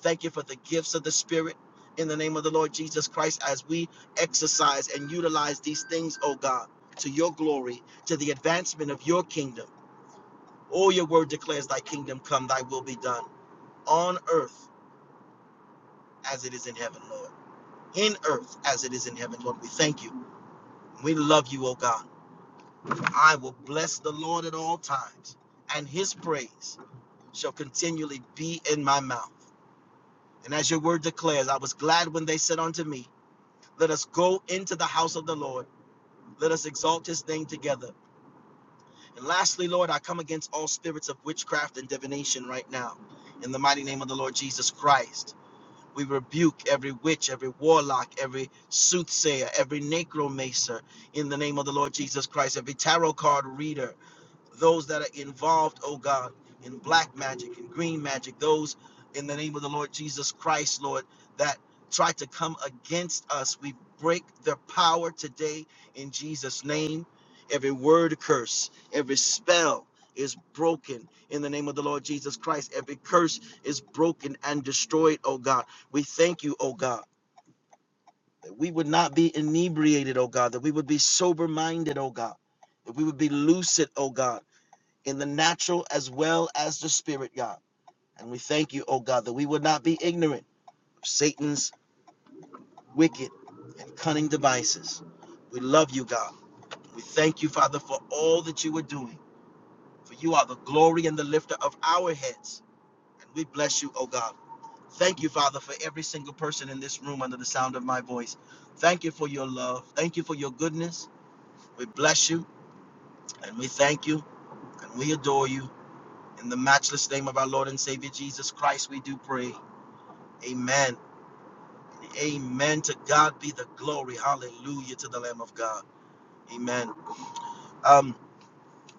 S7: Thank you for the gifts of the Spirit in the name of the Lord Jesus Christ as we exercise and utilize these things, oh God, to your glory, to the advancement of your kingdom. All your word declares, Thy kingdom come, Thy will be done on earth as it is in heaven, Lord. In earth as it is in heaven, Lord. We thank you. We love you, oh God. I will bless the Lord at all times, and his praise shall continually be in my mouth. And as your word declares, I was glad when they said unto me, Let us go into the house of the Lord. Let us exalt his name together. And lastly, Lord, I come against all spirits of witchcraft and divination right now. In the mighty name of the Lord Jesus Christ, we rebuke every witch, every warlock, every soothsayer, every necromancer. In the name of the Lord Jesus Christ, every tarot card reader, those that are involved, oh God, in black magic and green magic, those in the name of the Lord Jesus Christ, Lord, that try to come against us. We break their power today in Jesus' name. Every word curse, every spell is broken in the name of the Lord Jesus Christ. Every curse is broken and destroyed, oh God. We thank you, oh God, that we would not be inebriated, oh God, that we would be sober minded, oh God, that we would be lucid, oh God in the natural as well as the spirit, God. And we thank you, oh God, that we would not be ignorant of Satan's wicked and cunning devices. We love you, God. We thank you, Father, for all that you are doing. For you are the glory and the lifter of our heads. And we bless you, oh God. Thank you, Father, for every single person in this room under the sound of my voice. Thank you for your love. Thank you for your goodness. We bless you and we thank you and we adore you. In the matchless name of our Lord and Savior Jesus Christ, we do pray. Amen. Amen. To God be the glory. Hallelujah to the Lamb of God. Amen. Um,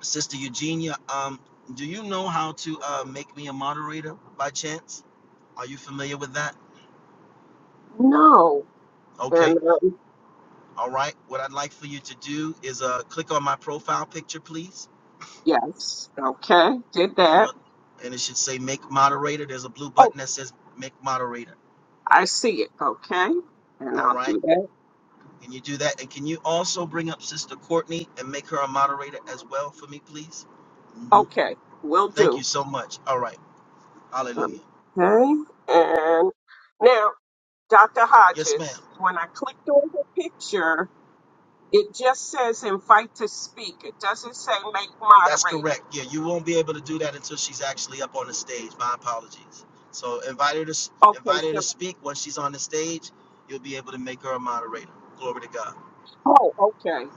S7: Sister Eugenia, um, do you know how to uh, make me a moderator by chance? Are you familiar with that?
S1: No.
S7: Okay.
S1: And um,
S7: All right. What I'd like for you to do is uh, click on my profile picture, please,
S1: yes, okay, did
S7: and it
S1: that.
S7: and it should say make moderator. There's a blue
S1: Oh,
S7: button that says make moderator.
S1: I see it. Okay, and
S7: All
S1: I'll
S7: right.
S1: do that.
S7: Can you do that? And can you also bring up Sister Courtney and make her a moderator as well for me, please? hmm
S1: Okay, will
S7: Thank you
S1: do.
S7: so much. All right. Hallelujah.
S1: Okay, and now, Dr.
S7: Yes, ma'am.
S1: Hodges, when I clicked on her picture, It just says invite to speak. It doesn't say make
S7: That's
S1: moderator.
S7: correct. Yeah, you won't be able to do that until she's actually up on the stage. My apologies. So invite her to
S1: Okay,
S7: invite her
S1: so,
S7: to speak. Once she's on the stage, you'll be able to make her a moderator. Glory to God.
S1: oh, okay.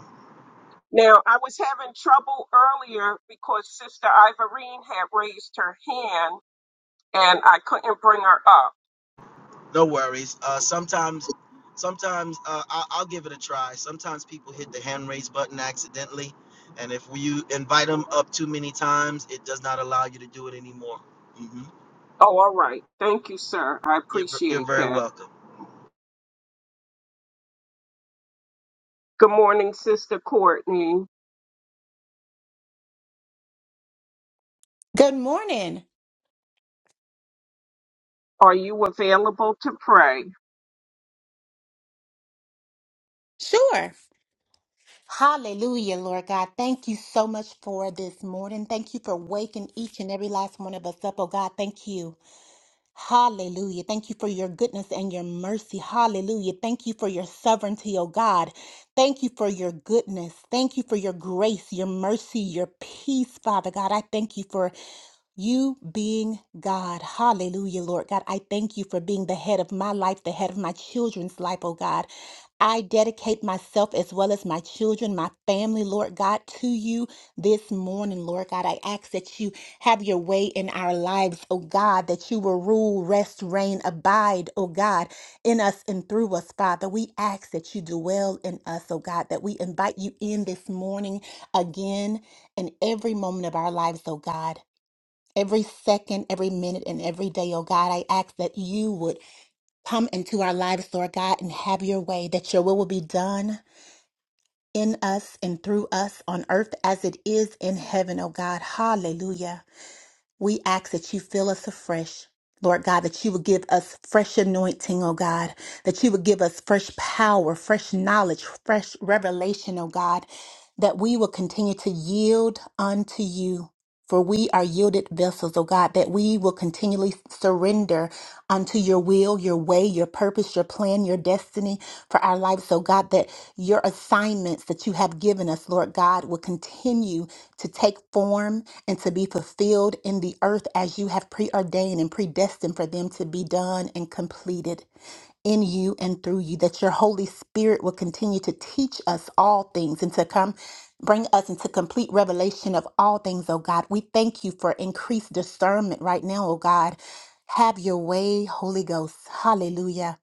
S1: Now, I was having trouble earlier because Sister Ivorine had raised her hand and I couldn't bring her up.
S7: No worries. Uh, sometimes, sometimes uh, I'll, I'll give it a try. Sometimes people hit the hand raise button accidentally, and if you invite them up too many times, it does not allow you to do it anymore. hmm
S1: Oh, all right. Thank you, sir. I
S7: You're, ver- you're
S1: appreciate
S7: very
S1: that.
S7: welcome.
S1: Good morning, Sister Courtney.
S8: Good morning.
S1: Are you available to pray?
S8: Sure. Hallelujah, Lord God. Thank you so much for this morning. Thank you for waking each and every last one of us up. Oh God, thank you. Hallelujah. Thank you for your goodness and your mercy. Hallelujah. Thank you for your sovereignty, oh God. Thank you for your goodness. Thank you for your grace, your mercy, your peace, Father God. I thank you for you being God. Hallelujah, Lord God. I thank you for being the head of my life, the head of my children's life, oh God. I dedicate myself as well as my children, my family, Lord God, to you this morning, Lord God. I ask that you have your way in our lives, oh God, that you will rule, rest, reign, abide, oh God, in us and through us, Father. We ask that you dwell in us, oh God, that we invite you in this morning again in every moment of our lives, oh God. Every second, every minute, and every day, oh God, I ask that you would come into our lives, Lord God, and have your way, that your will will be done in us and through us on earth as it is in heaven, oh God. Hallelujah. We ask that you fill us afresh. Lord God, that you would give us fresh anointing, oh God, that you would give us fresh power, fresh knowledge, fresh revelation, oh God, that we will continue to yield unto you. For we are yielded vessels, O God, that we will continually surrender unto your will, your way, your purpose, your plan, your destiny for our lives, O God, that your assignments that you have given us, Lord God, will continue to take form and to be fulfilled in the earth as you have preordained and predestined for them to be done and completed in you and through you, that your Holy Spirit will continue to teach us all things and to come Bring us into complete revelation of all things, oh God. We thank you for increased discernment right now, oh God. Have your way, Holy Ghost. Hallelujah.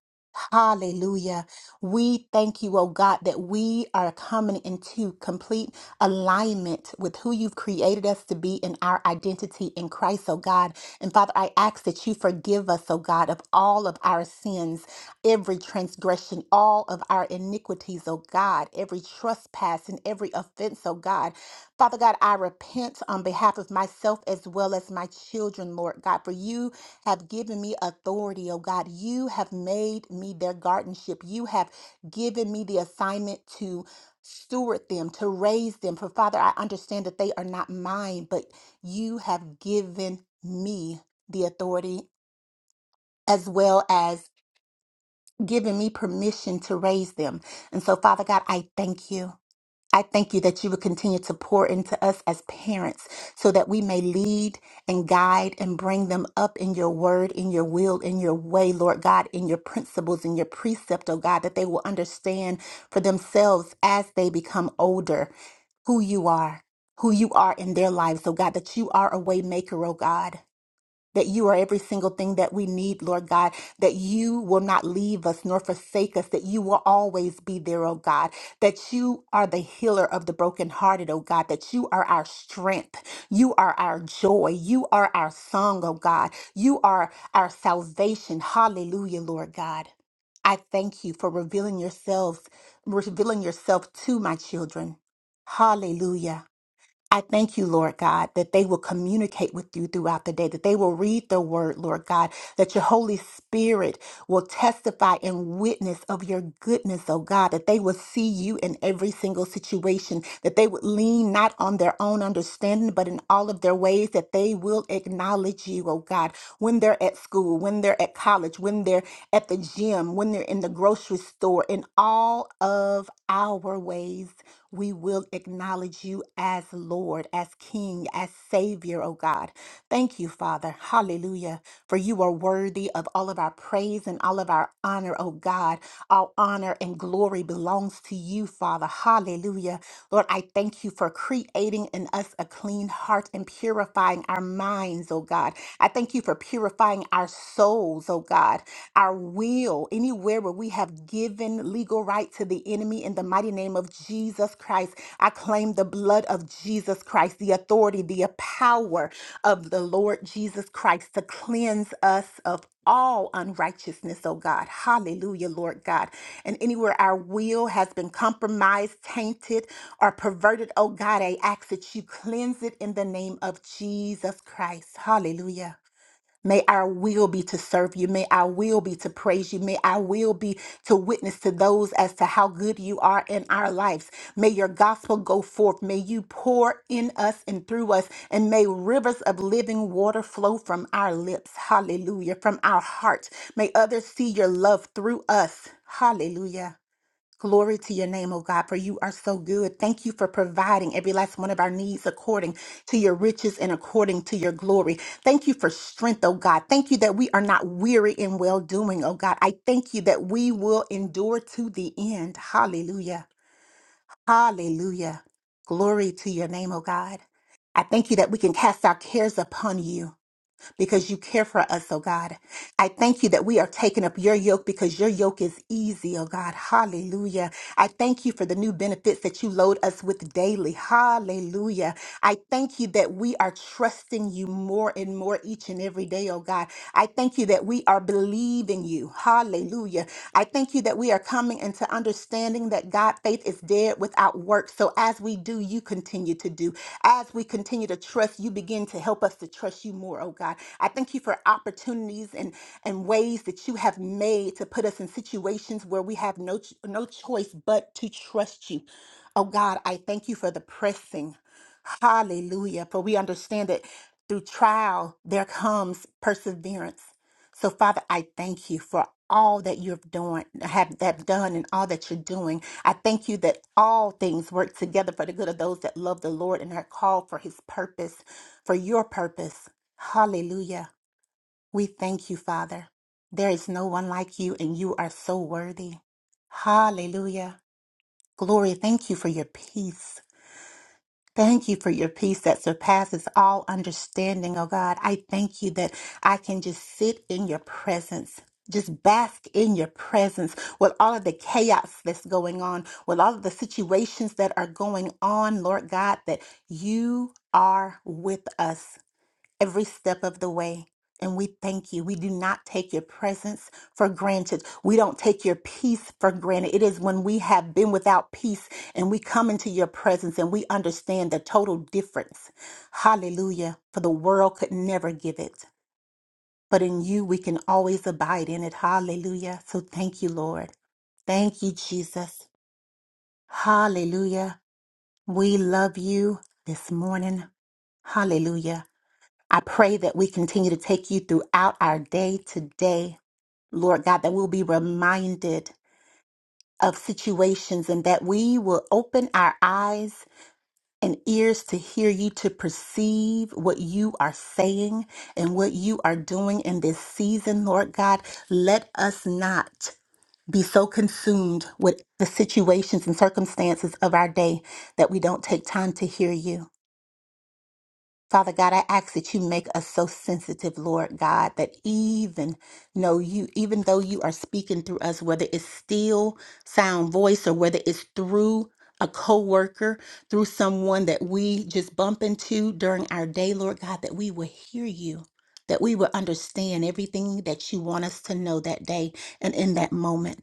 S8: Hallelujah. We thank you, oh God, that we are coming into complete alignment with who you've created us to be in our identity in Christ, oh God. And Father, I ask that you forgive us, oh God, of all of our sins, every transgression, all of our iniquities, oh God, every trespass and every offense, oh God. Father God, I repent on behalf of myself as well as my children, Lord God, for you have given me authority, oh God. You have made me their guardianship. You have given me the assignment to steward them, to raise them. For Father, I understand that they are not mine, but you have given me the authority as well as given me permission to raise them. And so, Father God, I thank you. I thank you that you would continue to pour into us as parents so that we may lead and guide and bring them up in your word, in your will, in your way, Lord God, in your principles, in your precept, oh God, that they will understand for themselves as they become older who you are, who you are in their lives, oh God, that you are a way maker, oh God that you are every single thing that we need, Lord God, that you will not leave us nor forsake us, that you will always be there, oh God, that you are the healer of the brokenhearted, oh God, that you are our strength, you are our joy, you are our song, oh God, you are our salvation. Hallelujah, Lord God. I thank you for revealing yourselves, revealing yourself to my children. Hallelujah. I thank you, Lord God, that they will communicate with you throughout the day, that they will read the word, Lord God, that your Holy Spirit will testify and witness of your goodness, oh God, that they will see you in every single situation, that they would lean not on their own understanding, but in all of their ways, that they will acknowledge you, oh God, when they're at school, when they're at college, when they're at the gym, when they're in the grocery store, in all of our ways we will acknowledge you as Lord, as King, as Savior, oh God. Thank you, Father. Hallelujah. For you are worthy of all of our praise and all of our honor, oh God. All honor and glory belongs to you, Father. Hallelujah. Lord, I thank you for creating in us a clean heart and purifying our minds, oh God. I thank you for purifying our souls, oh God our will, anywhere where we have given legal right to the enemy in the mighty name of Jesus Christ. I claim the blood of Jesus Christ, the authority, the power of the Lord Jesus Christ to cleanse us of all unrighteousness, oh God. Hallelujah, Lord God. And anywhere our will has been compromised, tainted, or perverted, oh God, I ask that you cleanse it in the name of Jesus Christ. Hallelujah. May our will be to serve you. May our will be to praise you. May our will be to witness to those as to how good you are in our lives. May your gospel go forth. May you pour in us and through us. And may rivers of living water flow from our lips. Hallelujah. From our heart. May others see your love through us. Hallelujah. Glory to your name, oh God, for you are so good. Thank you for providing every last one of our needs according to your riches and according to your glory. Thank you for strength, oh God. Thank you that we are not weary in well doing, oh God. I thank you that we will endure to the end. Hallelujah. Hallelujah. Glory to your name, oh God. I thank you that we can cast our cares upon you because you care for us, oh God. I thank you that we are taking up your yoke because your yoke is easy, oh God. Hallelujah. I thank you for the new benefits that you load us with daily. Hallelujah. I thank you that we are trusting you more and more each and every day, oh God. I thank you that we are believing you. Hallelujah. I thank you that we are coming into understanding that God, faith is dead without works. So as we do, you continue to do. As we continue to trust, you begin to help us to trust you more, oh God. I thank you for opportunities and, and ways that you have made to put us in situations where we have no, ch- no choice but to trust you. Oh God, I thank you for the pressing. Hallelujah. For we understand that through trial there comes perseverance. So Father, I thank you for all that you have done have that done and all that you're doing. I thank you that all things work together for the good of those that love the Lord and are called for his purpose, for your purpose. Hallelujah. We thank you, Father. There is no one like you and you are so worthy. Hallelujah. Glory, thank you for your peace. Thank you for your peace that surpasses all understanding, oh God. I thank you that I can just sit in your presence. Just bask in your presence with all of the chaos that's going on, with all of the situations that are going on, Lord God, that you are with us every step of the way. And we thank you. We do not take your presence for granted. We don't take your peace for granted. It is when we have been without peace and we come into your presence and we understand the total difference. Hallelujah. For the world could never give it. But in you, we can always abide in it. Hallelujah. So thank you, Lord. Thank you, Jesus. Hallelujah. We love you this morning. Hallelujah. I pray that we continue to take you throughout our day today, Lord God, that we'll be reminded of situations and that we will open our eyes and ears to hear you, to perceive what you are saying and what you are doing in this season, Lord God. Let us not be so consumed with the situations and circumstances of our day that we don't take time to hear you. Father God, I ask that you make us so sensitive, Lord God, that even know you, even though you are speaking through us, whether it's still sound voice or whether it's through a coworker, through someone that we just bump into during our day, Lord God, that we will hear you, that we will understand everything that you want us to know that day and in that moment.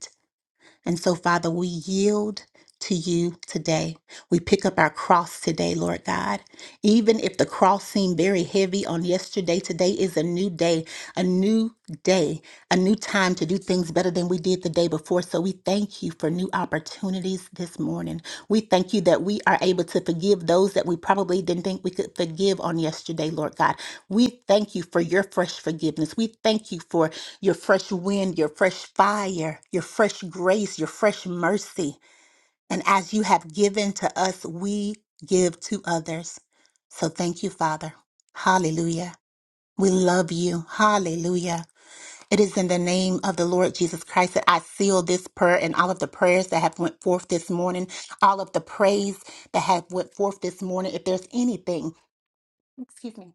S8: And so, Father, we yield to you today. We pick up our cross today, Lord God. Even if the cross seemed very heavy on yesterday, today is a new day, a new day, a new time to do things better than we did the day before. So we thank you for new opportunities this morning. We thank you that we are able to forgive those that we probably didn't think we could forgive on yesterday, Lord God. We thank you for your fresh forgiveness. We thank you for your fresh wind, your fresh fire, your fresh grace, your fresh mercy. And as you have given to us, we give to others. So thank you, Father. Hallelujah. We love you. Hallelujah. It is in the name of the Lord Jesus Christ that I seal this prayer and all of the prayers that have went forth this morning, all of the praise that have went forth this morning. If there's anything, excuse me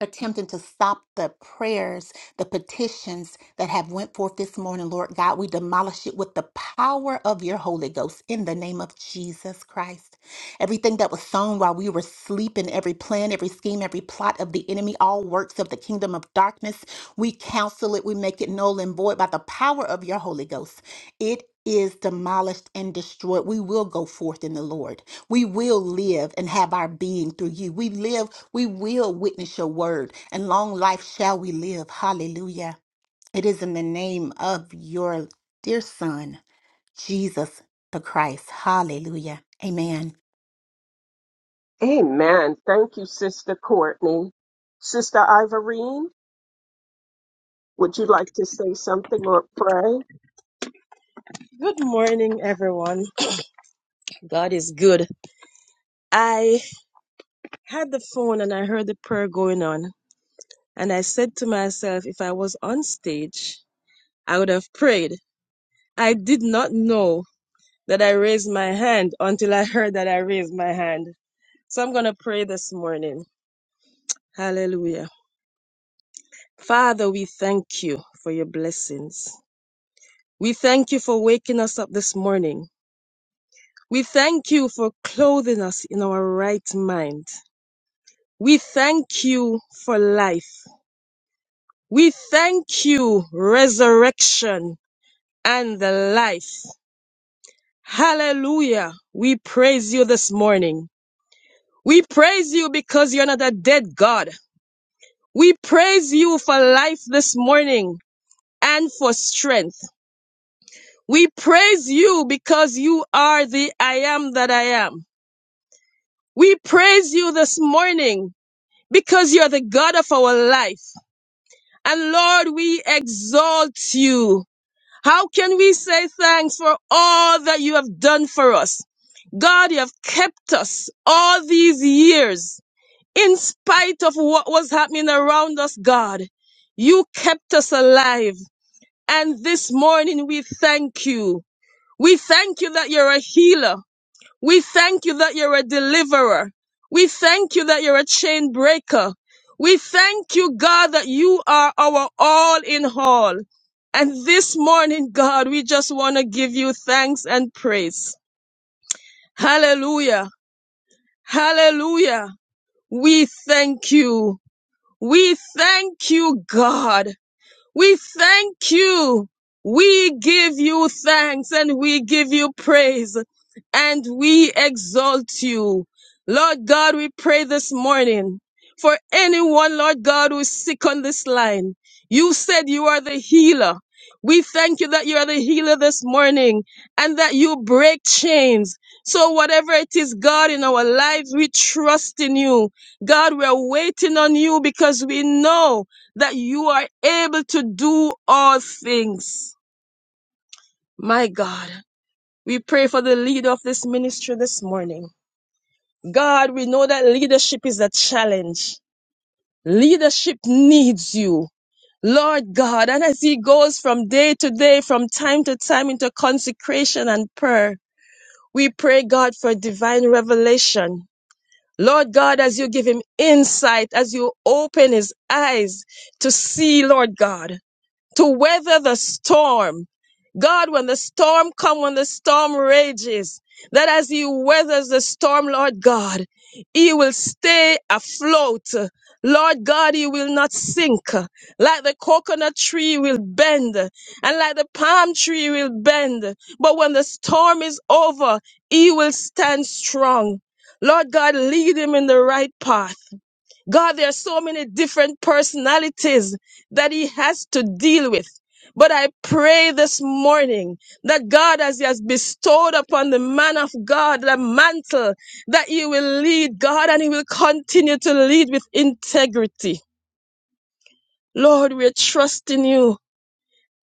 S8: attempting to stop the prayers, the petitions that have went forth this morning, Lord God. We demolish it with the power of your Holy Ghost in the name of Jesus Christ. Everything that was sown while we were sleeping, every plan, every scheme, every plot of the enemy, all works of the kingdom of darkness, we counsel it, we make it null and void by the power of your Holy Ghost. It is demolished and destroyed. We will go forth in the Lord. We will live and have our being through you. We live, we will witness your word, and long life shall we live. Hallelujah. It is in the name of your dear Son, Jesus the Christ. Hallelujah. Amen.
S1: Amen. Thank you, Sister Courtney. Sister Ivorine, would you like to say something or pray?
S9: Good morning, everyone. God is good. I had the phone and I heard the prayer going on, and I said to myself, if I was on stage, I would have prayed. I did not know that I raised my hand until I heard that I raised my hand. So I'm going to pray this morning. Hallelujah. Father, we thank you for your blessings. We thank you for waking us up this morning. We thank you for clothing us in our right mind. We thank you for life. We thank you, resurrection and the life. Hallelujah. We praise you this morning. We praise you because you're not a dead God. We praise you for life this morning and for strength. We praise you because you are the I am that I am. We praise you this morning because you're the God of our life. And Lord, we exalt you. How can we say thanks for all that you have done for us? God, you have kept us all these years in spite of what was happening around us, God. You kept us alive. And this morning we thank you. We thank you that you're a healer. We thank you that you're a deliverer. We thank you that you're a chain breaker. We thank you, God, that you are our all in all. And this morning, God, we just want to give you thanks and praise. Hallelujah. Hallelujah. We thank you. We thank you, God. We thank you. We give you thanks and we give you praise and we exalt you. Lord God, we pray this morning for anyone, Lord God, who's sick on this line. You said you are the healer. We thank you that you are the healer this morning and that you break chains. So whatever it is, God, in our lives, we trust in you. God, we're waiting on you because we know that you are able to do all things. My God, we pray for the leader of this ministry this morning. God, we know that leadership is a challenge. Leadership needs you. Lord God, and as he goes from day to day, from time to time into consecration and prayer, we pray God for divine revelation. Lord God, as you give him insight, as you open his eyes to see, Lord God, to weather the storm. God, when the storm comes, when the storm rages, that as he weathers the storm, Lord God, he will stay afloat. Lord God, he will not sink. Like the coconut tree will bend and like the palm tree will bend. But when the storm is over, he will stand strong. Lord God, lead him in the right path. God, there are so many different personalities that he has to deal with. But I pray this morning that God, as he has bestowed upon the man of God the mantle, that you will lead God and he will continue to lead with integrity. Lord, we're trusting you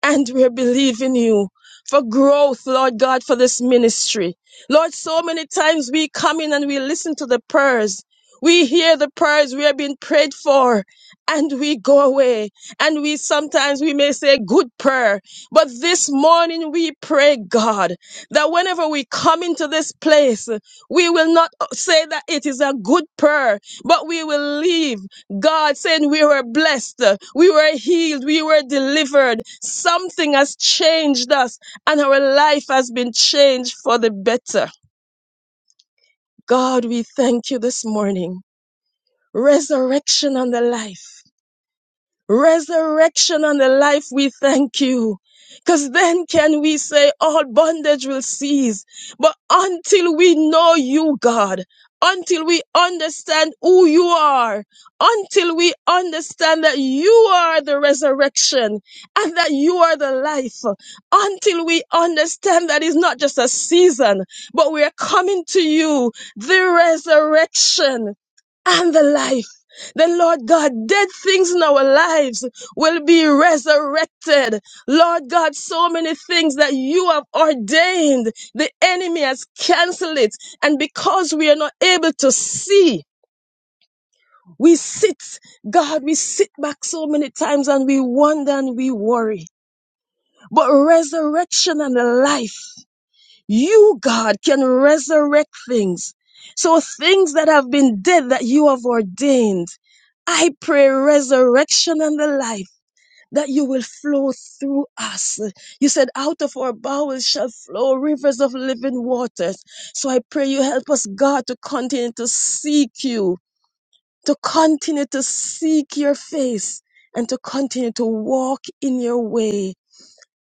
S9: and we're believing you for growth, Lord God, for this ministry. Lord, so many times we come in and we listen to the prayers. We hear the prayers we are being prayed for and we go away. And we sometimes we may say good prayer, but this morning we pray God that whenever we come into this place, we will not say that it is a good prayer, but we will leave. God saying we were blessed, uh, we were healed, we were delivered. Something has changed us and our life has been changed for the better. God, we thank you this morning. Resurrection on the life. resurrection on the life, we thank you. Because then can we say all bondage will cease. But until we know you, God, until we understand who you are, until we understand that you are the resurrection and that you are the life, until we understand that it's not just a season, but we are coming to you, the resurrection and the life. The Lord God, dead things in our lives will be resurrected. Lord God, so many things that you have ordained, the enemy has canceled it. And because we are not able to see, we sit, God, we sit back so many times and we wonder and we worry. But resurrection and life you, God, can resurrect things. So things that have been dead that you have ordained. I pray resurrection and the life that you will flow through us. You said, out of our bowels shall flow rivers of living waters. So I pray you help us, God, to continue to seek you, to continue to seek your face, and to continue to walk in your way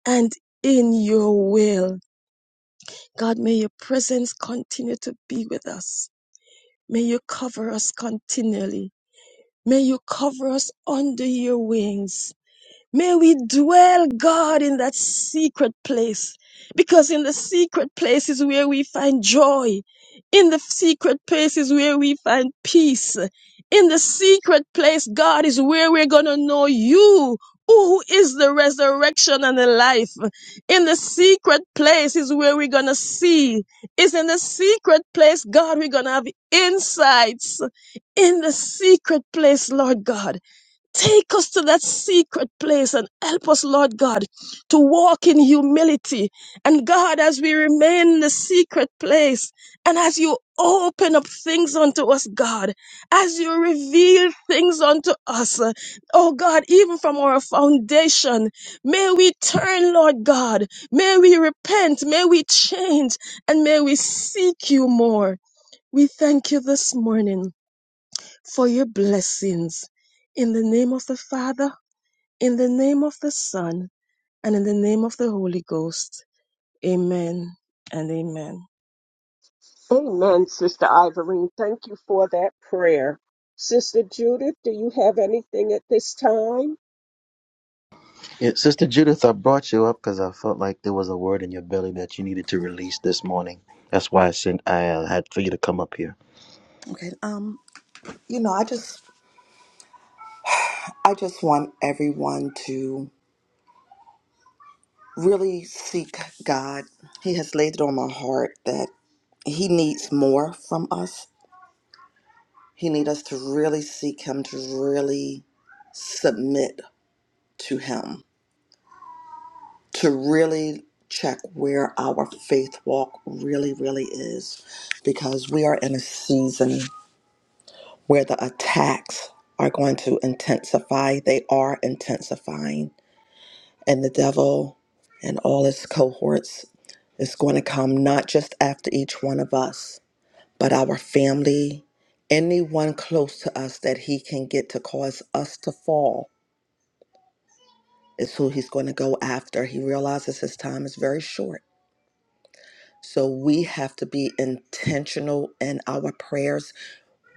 S9: and in your will. God, may your presence continue to be with us. May you cover us continually. May you cover us under your wings. May we dwell, God, in that secret place. Because in the secret place is where we find joy. In the secret place is where we find peace. In the secret place, God, is where we're going to know you, who is the resurrection and the life. In the secret place is where we're going to see. It's in the secret place, God, we're going to have insights. In the secret place, Lord God. Take us to that secret place and help us, Lord God, to walk in humility. And God, as we remain in the secret place and as you open up things unto us, God, as you reveal things unto us, uh, oh God, even from our foundation, may we turn, Lord God, may we repent, may we change, and may we seek you more. We thank you this morning for your blessings. In the name of the Father, in the name of the Son, and in the name of the Holy Ghost. Amen and amen.
S1: Amen, Sister Ivorine. Thank you for that prayer. Sister Judith, do you have anything at this time?
S7: Yeah, Sister Judith, I brought you up because I felt like there was a word in your belly that you needed to release this morning. That's why I sent. I uh, had for you to come up here.
S10: Okay. Um, you know, I just I just want everyone to really seek God. He has laid it on my heart that he needs more from us. He needs us to really seek him, to really submit to him, to really check where our faith walk really, really is. Because we are in a season where the attacks are going to intensify. They are intensifying and the devil and all his cohorts is going to come not just after each one of us, but our family, anyone close to us that he can get to cause us to fall is who he's going to go after. He realizes his time is very short. So we have to be intentional in our prayers.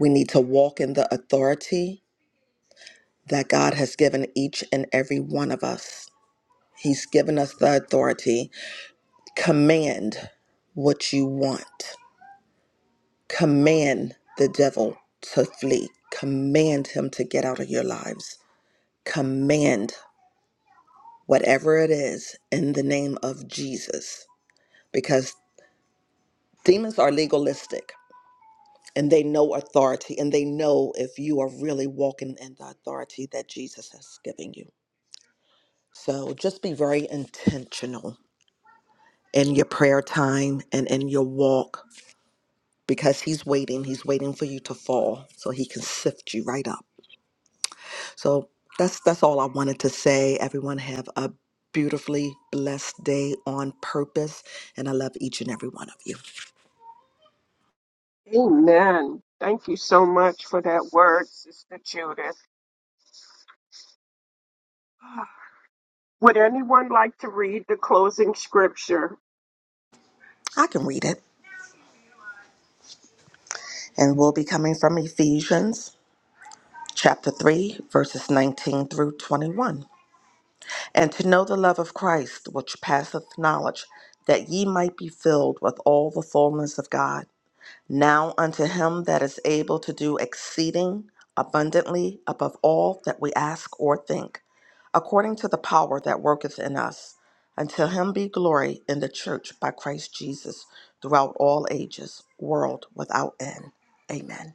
S10: We need to walk in the authority that God has given each and every one of us. He's given us the authority Command what you want. Command the devil to flee. Command him to get out of your lives. Command whatever it is in the name of Jesus. Because demons are legalistic and they know authority and they know if you are really walking in the authority that Jesus has given you. So just be very intentional in your prayer time and in your walk because he's waiting he's waiting for you to fall so he can sift you right up so that's that's all i wanted to say everyone have a beautifully blessed day on purpose and i love each and every one of you
S1: Amen. Thank you so much for that word, Sister Judith. Would anyone like to read the closing scripture?
S10: i can read it and we'll be coming from ephesians chapter 3 verses 19 through 21 and to know the love of christ which passeth knowledge that ye might be filled with all the fullness of god Now unto him that is able to do exceeding abundantly above all that we ask or think, according to the power that worketh in us, unto him be glory in the church by Christ Jesus throughout all ages, world without end. Amen.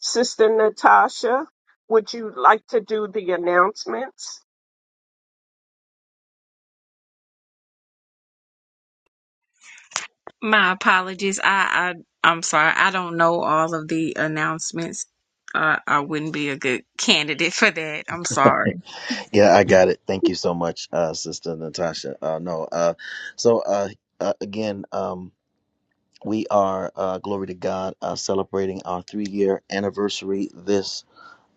S1: Sister Natasha, would you like to do the announcements?
S11: My apologies. I, I I'm sorry. I don't know all of the announcements. Uh, I wouldn't be a good candidate for that. I'm sorry.
S7: Yeah, I got it. Thank you so much, uh, Sister Natasha. Uh, no, uh, so uh, uh, again, um, we are uh, glory to God uh, celebrating our three-year anniversary this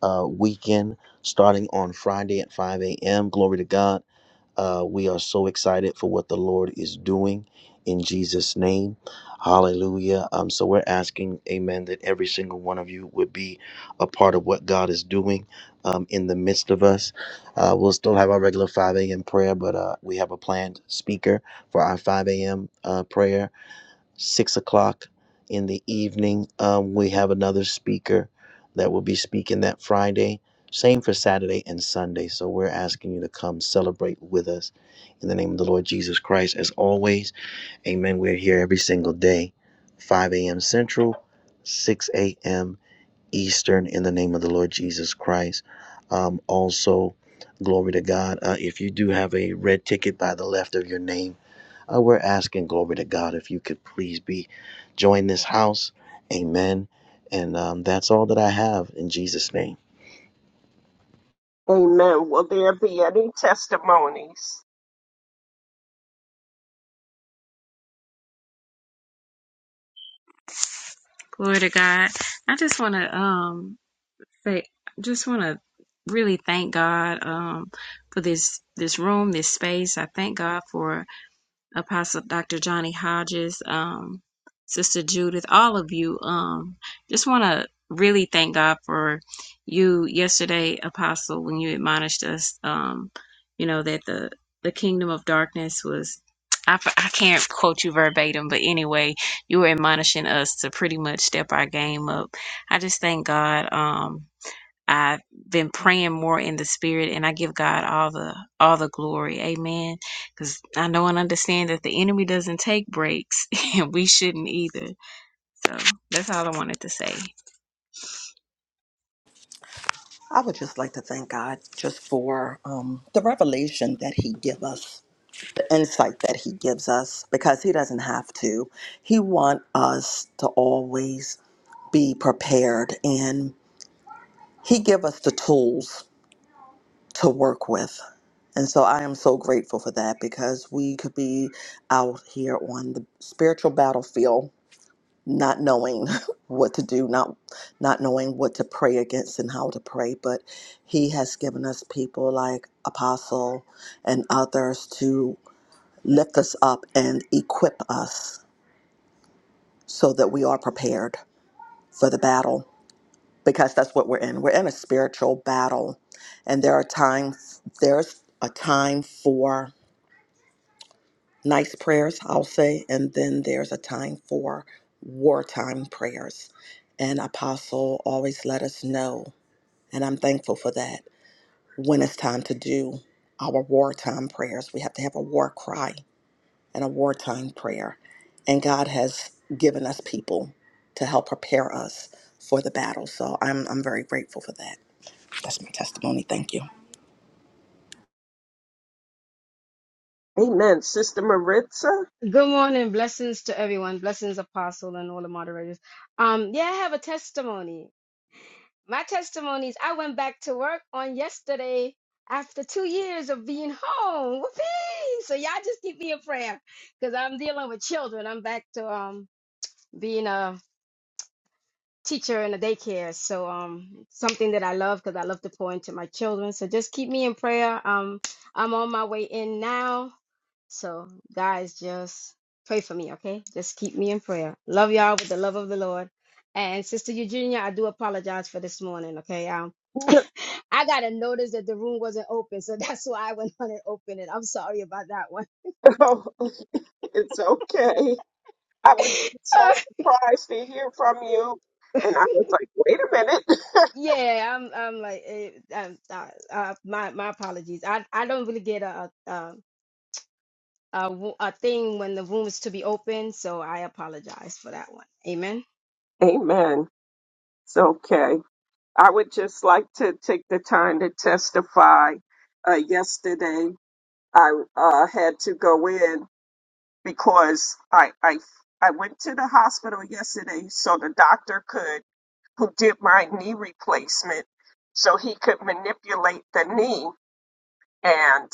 S7: uh, weekend, starting on Friday at 5 a.m. Glory to God. Uh, we are so excited for what the Lord is doing in Jesus' name. Hallelujah. Um, so we're asking, amen, that every single one of you would be a part of what God is doing um, in the midst of us. Uh, we'll still have our regular 5 a.m. prayer, but uh, we have a planned speaker for our 5 a.m. Uh, prayer six o'clock in the evening. Um, we have another speaker that will be speaking that Friday. Same for Saturday and Sunday. So we're asking you to come celebrate with us in the name of the Lord Jesus Christ. As always, amen. We're here every single day, 5 a.m. Central, 6 a.m. Eastern in the name of the Lord Jesus Christ. Um, also, glory to God. Uh, if you do have a red ticket by the left of your name, uh, we're asking glory to God if you could please be join this house. Amen. And um, that's all that I have in Jesus' name.
S1: Amen. Will there be any testimonies?
S11: Glory to God. I just want to um Say, I just want to really thank God um, for this this room, this space. I thank God for Apostle Dr. Johnny Hodges, um, Sister Judith, all of you. Um, just want to really thank God for you yesterday, Apostle, when you admonished us. Um, you know that the the kingdom of darkness was. I, f- I can't quote you verbatim, but anyway, you were admonishing us to pretty much step our game up. I just thank God. Um, I've been praying more in the spirit and I give God all the all the glory. Amen. Cuz I know and understand that the enemy doesn't take breaks and we shouldn't either. So that's all I wanted to say.
S10: I would just like to thank God just for um, the revelation that He give us, the insight that He gives us, because He doesn't have to. He want us to always be prepared. and. he give us the tools to work with and so i am so grateful for that because we could be out here on the spiritual battlefield not knowing what to do not not knowing what to pray against and how to pray but he has given us people like apostle and others to lift us up and equip us so that we are prepared for the battle because that's what we're in. We're in a spiritual battle, and there are times there's a time for nice prayers, I'll say, and then there's a time for wartime prayers. And Apostle always let us know, and I'm thankful for that. When it's time to do our wartime prayers, we have to have a war cry and a wartime prayer. And God has given us people to help prepare us for the battle. So I'm I'm very grateful for that. That's my testimony. Thank you.
S1: Amen. Sister Maritza?
S12: Good morning. Blessings to everyone. Blessings, Apostle, and all the moderators. Um, yeah, I have a testimony. My testimony is I went back to work on yesterday after two years of being home. Whoopee! So y'all just keep me in prayer because I'm dealing with children. I'm back to um being a teacher in a daycare. So um something that I love because I love to pour into my children. So just keep me in prayer. Um, I'm on my way in now so, guys, just pray for me, okay? Just keep me in prayer. Love y'all with the love of the Lord. And Sister Eugenia, I do apologize for this morning, okay? Um, I got a notice that the room wasn't open, so that's why I went on and opened it. I'm sorry about that one.
S1: No, it's okay. I would be so surprised to hear from you. And I was like, wait a minute.
S12: yeah, I'm. I'm like, eh, um, uh, uh, my my apologies. I I don't really get a a, a a wo- a thing when the room is to be open, so I apologize for that one. Amen.
S1: Amen. It's okay. I would just like to take the time to testify. Uh, yesterday, I uh, had to go in because I, I I went to the hospital yesterday so the doctor could, who did my knee replacement, so he could manipulate the knee. and.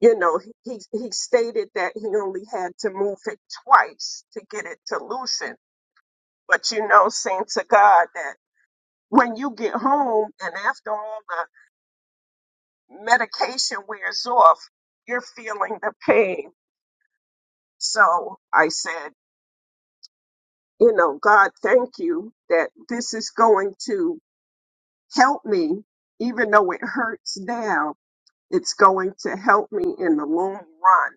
S1: you know, he, he he stated that he only had to move it twice to get it to loosen. But you know, saint to God that when you get home and after all the medication wears off, you're feeling the pain. So I said, you know, God, thank you that this is going to help me, even though it hurts now, it's going to help me in the long run.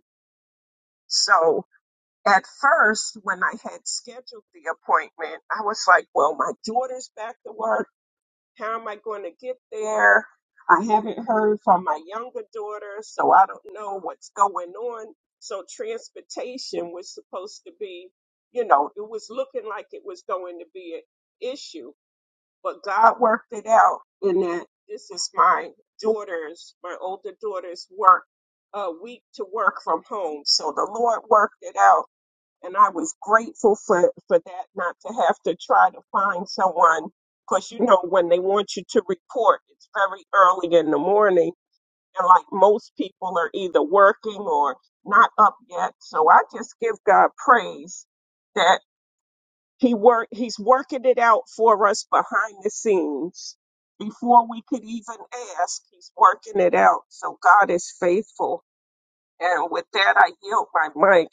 S1: So at first, when I had scheduled the appointment, I was like, well, my daughter's back to work. How am I going to get there? I haven't heard from my younger daughter, so I don't know what's going on. So, transportation was supposed to be, you know, it was looking like it was going to be an issue, but God worked it out in that this is my daughter's, my older daughter's work, uh, week to work from home. So, the Lord worked it out and I was grateful for for that not to have to try to find someone because you know when they want you to report it's very early in the morning and like most people are either working or not up yet so I just give God praise that he work he's working it out for us behind the scenes before we could even ask he's working it out so God is faithful and with that I yield my mic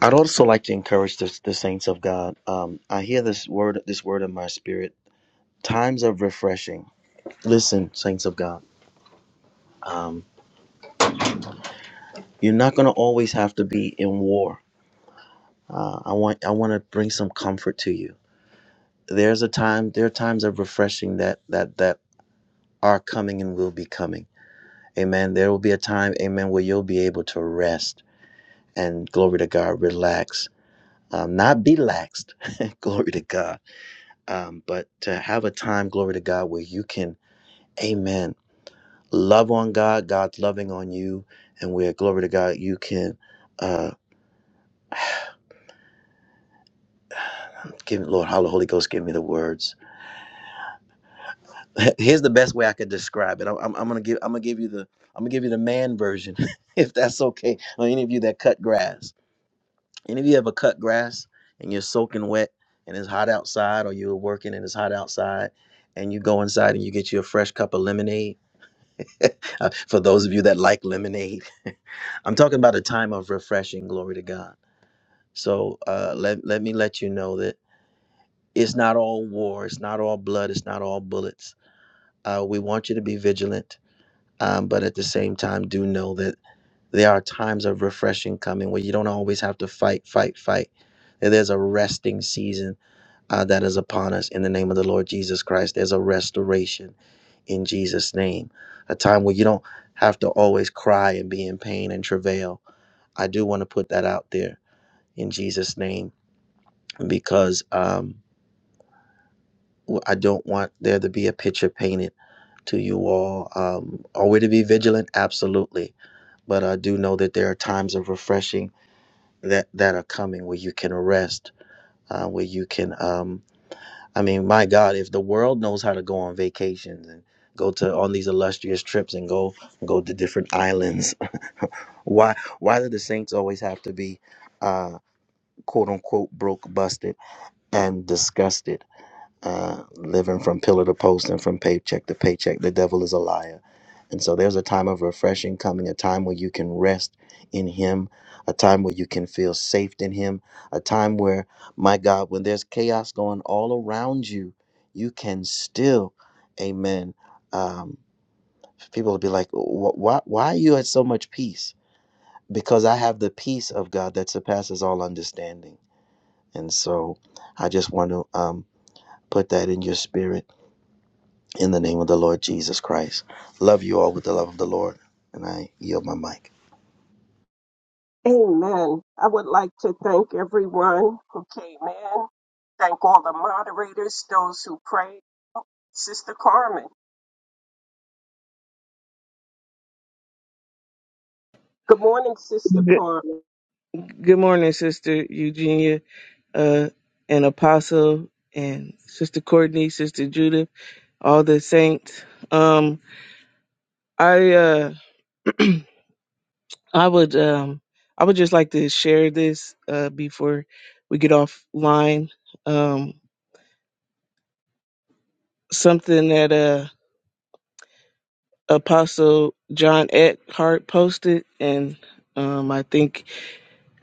S7: I'd also like to encourage the, the saints of God. Um, I hear this word, this word in my spirit. Times of refreshing. Listen, saints of God. Um, you're not going to always have to be in war Uh, I want I want to bring some comfort to you. There's a time. There are times of refreshing that that that are coming and will be coming. Amen. There will be a time, Amen, where you'll be able to rest and glory to God, relax, um, not be laxed. glory to God. Um, but to have a time, glory to God, where you can, Amen, love on God, God's loving on you, and where glory to God, you can. Uh, give Lord, How the Holy Ghost, give me the words here's the best way I could describe it. I'm, I'm, I'm gonna give I'm gonna give you the I'm gonna give you the man version, if that's okay. Or any of you that cut grass, any of you ever cut grass and you're soaking wet and it's hot outside, or you're working and it's hot outside, and you go inside and you get you a fresh cup of lemonade. Uh, For those of you that like lemonade, I'm talking about a time of refreshing. Glory to God. So uh, let let me let you know that it's not all war, it's not all blood, it's not all bullets. Uh, we want you to be vigilant um, but at the same time do know that there are times of refreshing coming where you don't always have to fight fight fight that there's a resting season uh, that is upon us in the name of the lord jesus christ there's a restoration in jesus name a time where you don't have to always cry and be in pain and travail i do want to put that out there in jesus name because um, i don't want there to be a picture painted to you all. Um, are we to be vigilant? Absolutely. But I do know that there are times of refreshing that, that are coming where you can rest, uh, where you can, um, I mean, my God, if the world knows how to go on vacations and go to on these illustrious trips and go go to different islands, why why do the saints always have to be uh, quote unquote broke, busted, and disgusted? uh, living from pillar to post and from paycheck to paycheck. The devil is a liar. And so there's a time of refreshing coming, a time where you can rest in Him, a time where you can feel safe in Him, a time where, my God, when there's chaos going all around you, you can still, amen. Um, people will be like, "Wh- why, why are you at so much peace? Because I have the peace of God that surpasses all understanding. And so I just want to um, put that in your spirit in the name of the Lord Jesus Christ. Love you all with the love of the Lord, and I yield my mic.
S1: Amen. I would like to thank everyone who came in. Thank all the moderators, those who prayed. Sister Carmen. Good morning, Sister
S13: Good,
S1: Carmen.
S13: good morning, Sister Eugenia, uh, and Apostle, and Sister Courtney, Sister Judith, all the saints. Um, I uh, I would um, I would just like to share this uh, before we get offline. Um, something that uh, Apostle John Eckhart posted, and um, I think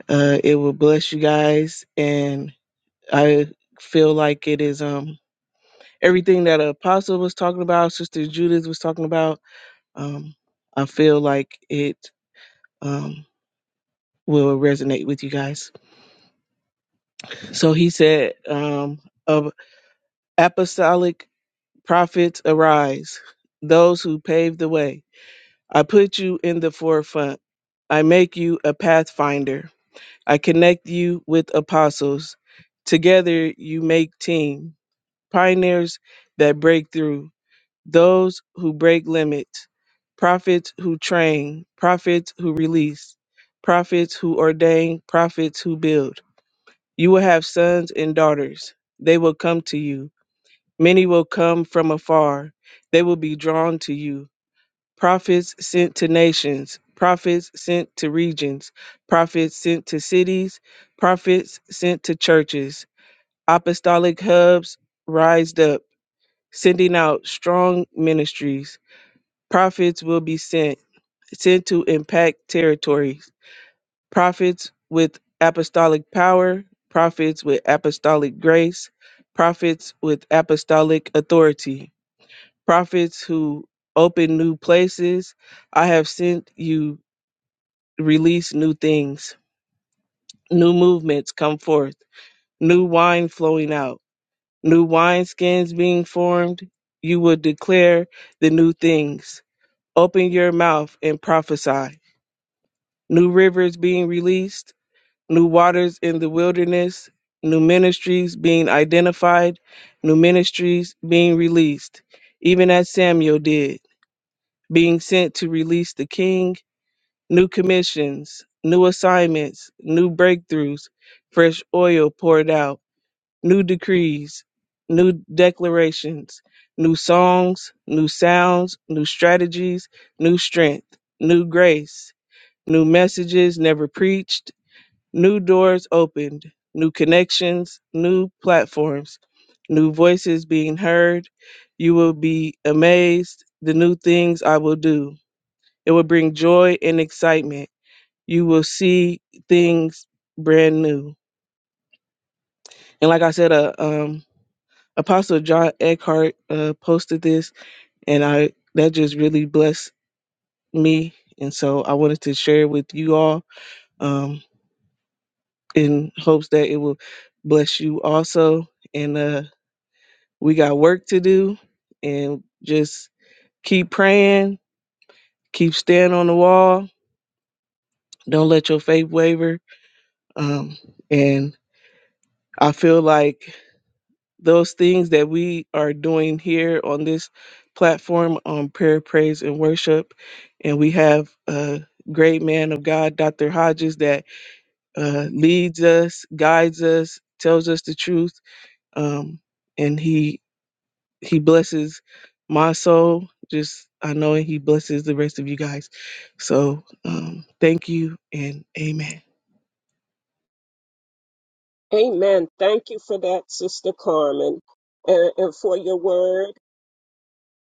S13: uh, it will bless you guys. And I feel like it is. Um, everything that Apostle was talking about, Sister Judith was talking about, um, I feel like it um, will resonate with you guys. So he said, um, of apostolic prophets arise, those who pave the way. I put you in the forefront. I make you a pathfinder. I connect you with apostles. Together you make team, pioneers that break through. those who break limits, prophets who train, prophets who release, prophets who ordain, prophets who build. You will have sons and daughters. They will come to you. Many will come from afar. They will be drawn to you. Prophets sent to nations, prophets sent to regions, prophets sent to cities, prophets sent to churches. Apostolic hubs rised up, sending out strong ministries prophets will be sent, sent to impact territories. Prophets with apostolic power, prophets with apostolic grace, prophets with apostolic authority, prophets who open new places. I have sent you release new things, new movements come forth, new wine flowing out, new wineskins being formed. You will declare the new things. Open your mouth and prophesy new rivers being released, new waters in the wilderness, new ministries being identified, new ministries being released, even as Samuel did, being sent to release the king, new commissions, new assignments, new breakthroughs, fresh oil poured out, new decrees, new declarations, new songs, new sounds, new strategies, new strength, new grace, new messages never preached New doors opened, new connections, new platforms, new voices being heard. You will be amazed. The new things I will do. It will bring joy and excitement. You will see things brand new. And like I said, uh, um, Apostle John Eckhart uh, posted this, and I that just really blessed me. And so I wanted to share it with you all um, in hopes that it will bless you also. And uh, We got work to do and just keep praying, keep staying on the wall. Don't let your faith waver. Um, and I feel like those things that we are doing here on this platform on prayer, praise, and worship, and we have a great man of God, Dr. Hodges, that uh, leads us, guides us, tells us the truth. Um, and he he blesses my soul. Just I know he blesses the rest of you guys. So um, thank you and amen.
S1: Amen. Thank you for that, Sister Carmen, and, and for your word,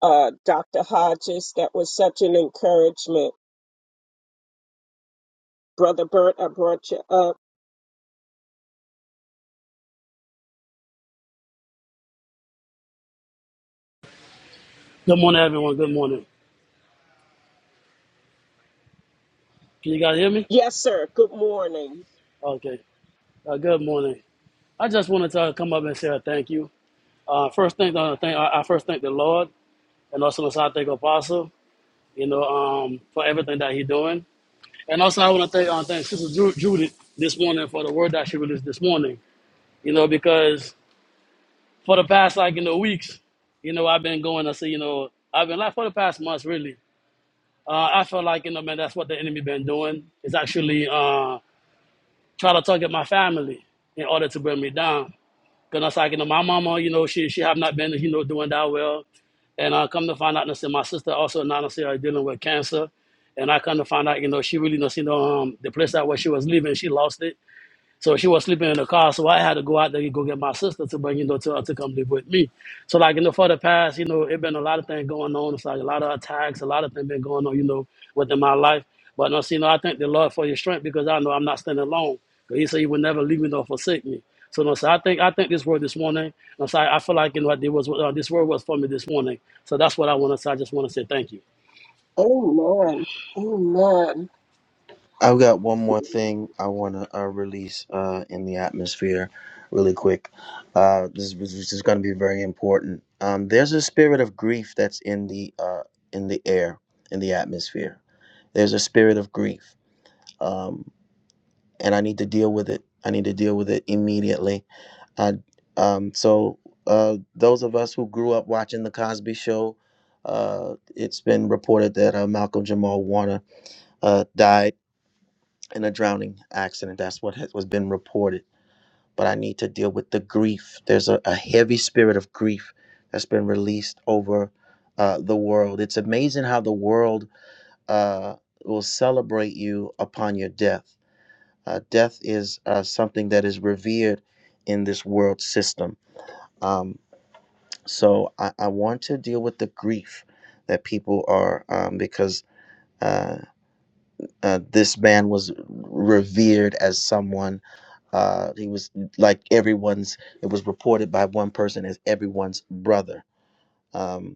S1: uh, Dr. Hodges. That was such an encouragement. Brother Bert, I brought you up.
S14: Good morning, everyone. Good morning. Can you guys hear me?
S1: Yes, sir. Good morning.
S14: Okay. Uh, good morning. I just wanted to come up and say a thank you. Uh, first thing, uh, thank, I I first thank the Lord, and also I thank Apostle, you know, um, for everything that he's doing. And also I want to thank, uh, thank Sister Ju- Judith this morning for the word that she released this morning, you know, because for the past, like, you know, weeks, you know, I've been going to see, you know, I've been like for the past months, really. Uh, I feel like, you know, man, that's what the enemy been doing. It's actually, uh, try to target my family in order to bring me down. Cause I was like, you know, my mama, you know, she she have not been, you know, doing that well. And I come to find out, you know, my sister also now say are dealing with cancer. And I come to find out, you know, she really, you know, um, the place that where she was living, she lost it. So she was sleeping in the car, so I had to go out there and go get my sister to bring, you know, to, her to come live with me. So like in the for the past, you know, it been a lot of things going on. It's like a lot of attacks, a lot of things been going on, you know, within my life. But no, see, no, I thank the Lord for your strength because I know I'm not standing alone. Because He said He would never leave me nor forsake me. So no, so I think I think this word this morning. No, so I, I feel like you know what, it was uh, this word was for me this morning. So that's what I want to say. I just want to say thank you.
S1: Amen. Amen.
S7: I've got one more thing I want to uh, release uh, in the atmosphere really quick. Uh, this, is- this is going to be very important. Um, there's a spirit of grief that's in the uh, in the air, in the atmosphere. There's a spirit of grief. Um, and I need to deal with it. I need to deal with it immediately. I, um, so uh, those of us who grew up watching the Cosby Show, uh, it's been reported that uh, Malcolm Jamal Warner uh, died in a drowning accident. That's what has, was been reported. But I need to deal with the grief. There's a, a heavy spirit of grief that's been released over uh, the world. It's amazing how the world uh, will celebrate you upon your death uh, death is uh, something that is revered in this world system. Um, so I, I want to deal with the grief that people are, um, because uh, uh, this man was revered as someone. Uh, he was like everyone's, it was reported by one person as everyone's brother. Um,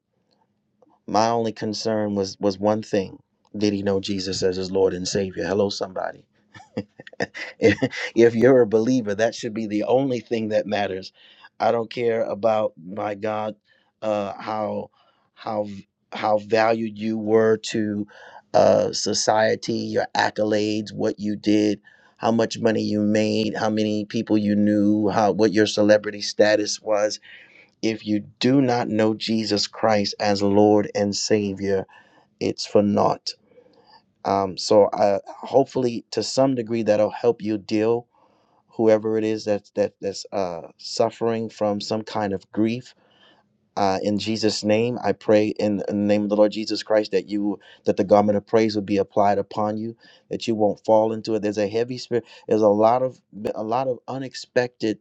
S7: my only concern was was one thing. Did he know Jesus as his Lord and Savior? Hello, somebody if you're a believer, that should be the only thing that matters. I don't care about my God, uh, how how how valued you were to uh, society, your accolades, what you did, how much money you made, how many people you knew, how what your celebrity status was. If you do not know Jesus Christ as Lord and Savior, it's for naught. Um, so I, hopefully, to some degree, that'll help you deal whoever it is that's that that's uh, suffering from some kind of grief. Uh, in Jesus' name, I pray in, in the name of the Lord Jesus Christ that you that the garment of praise would be applied upon you, that you won't fall into it. There's a heavy spirit. There's a lot of a lot of unexpected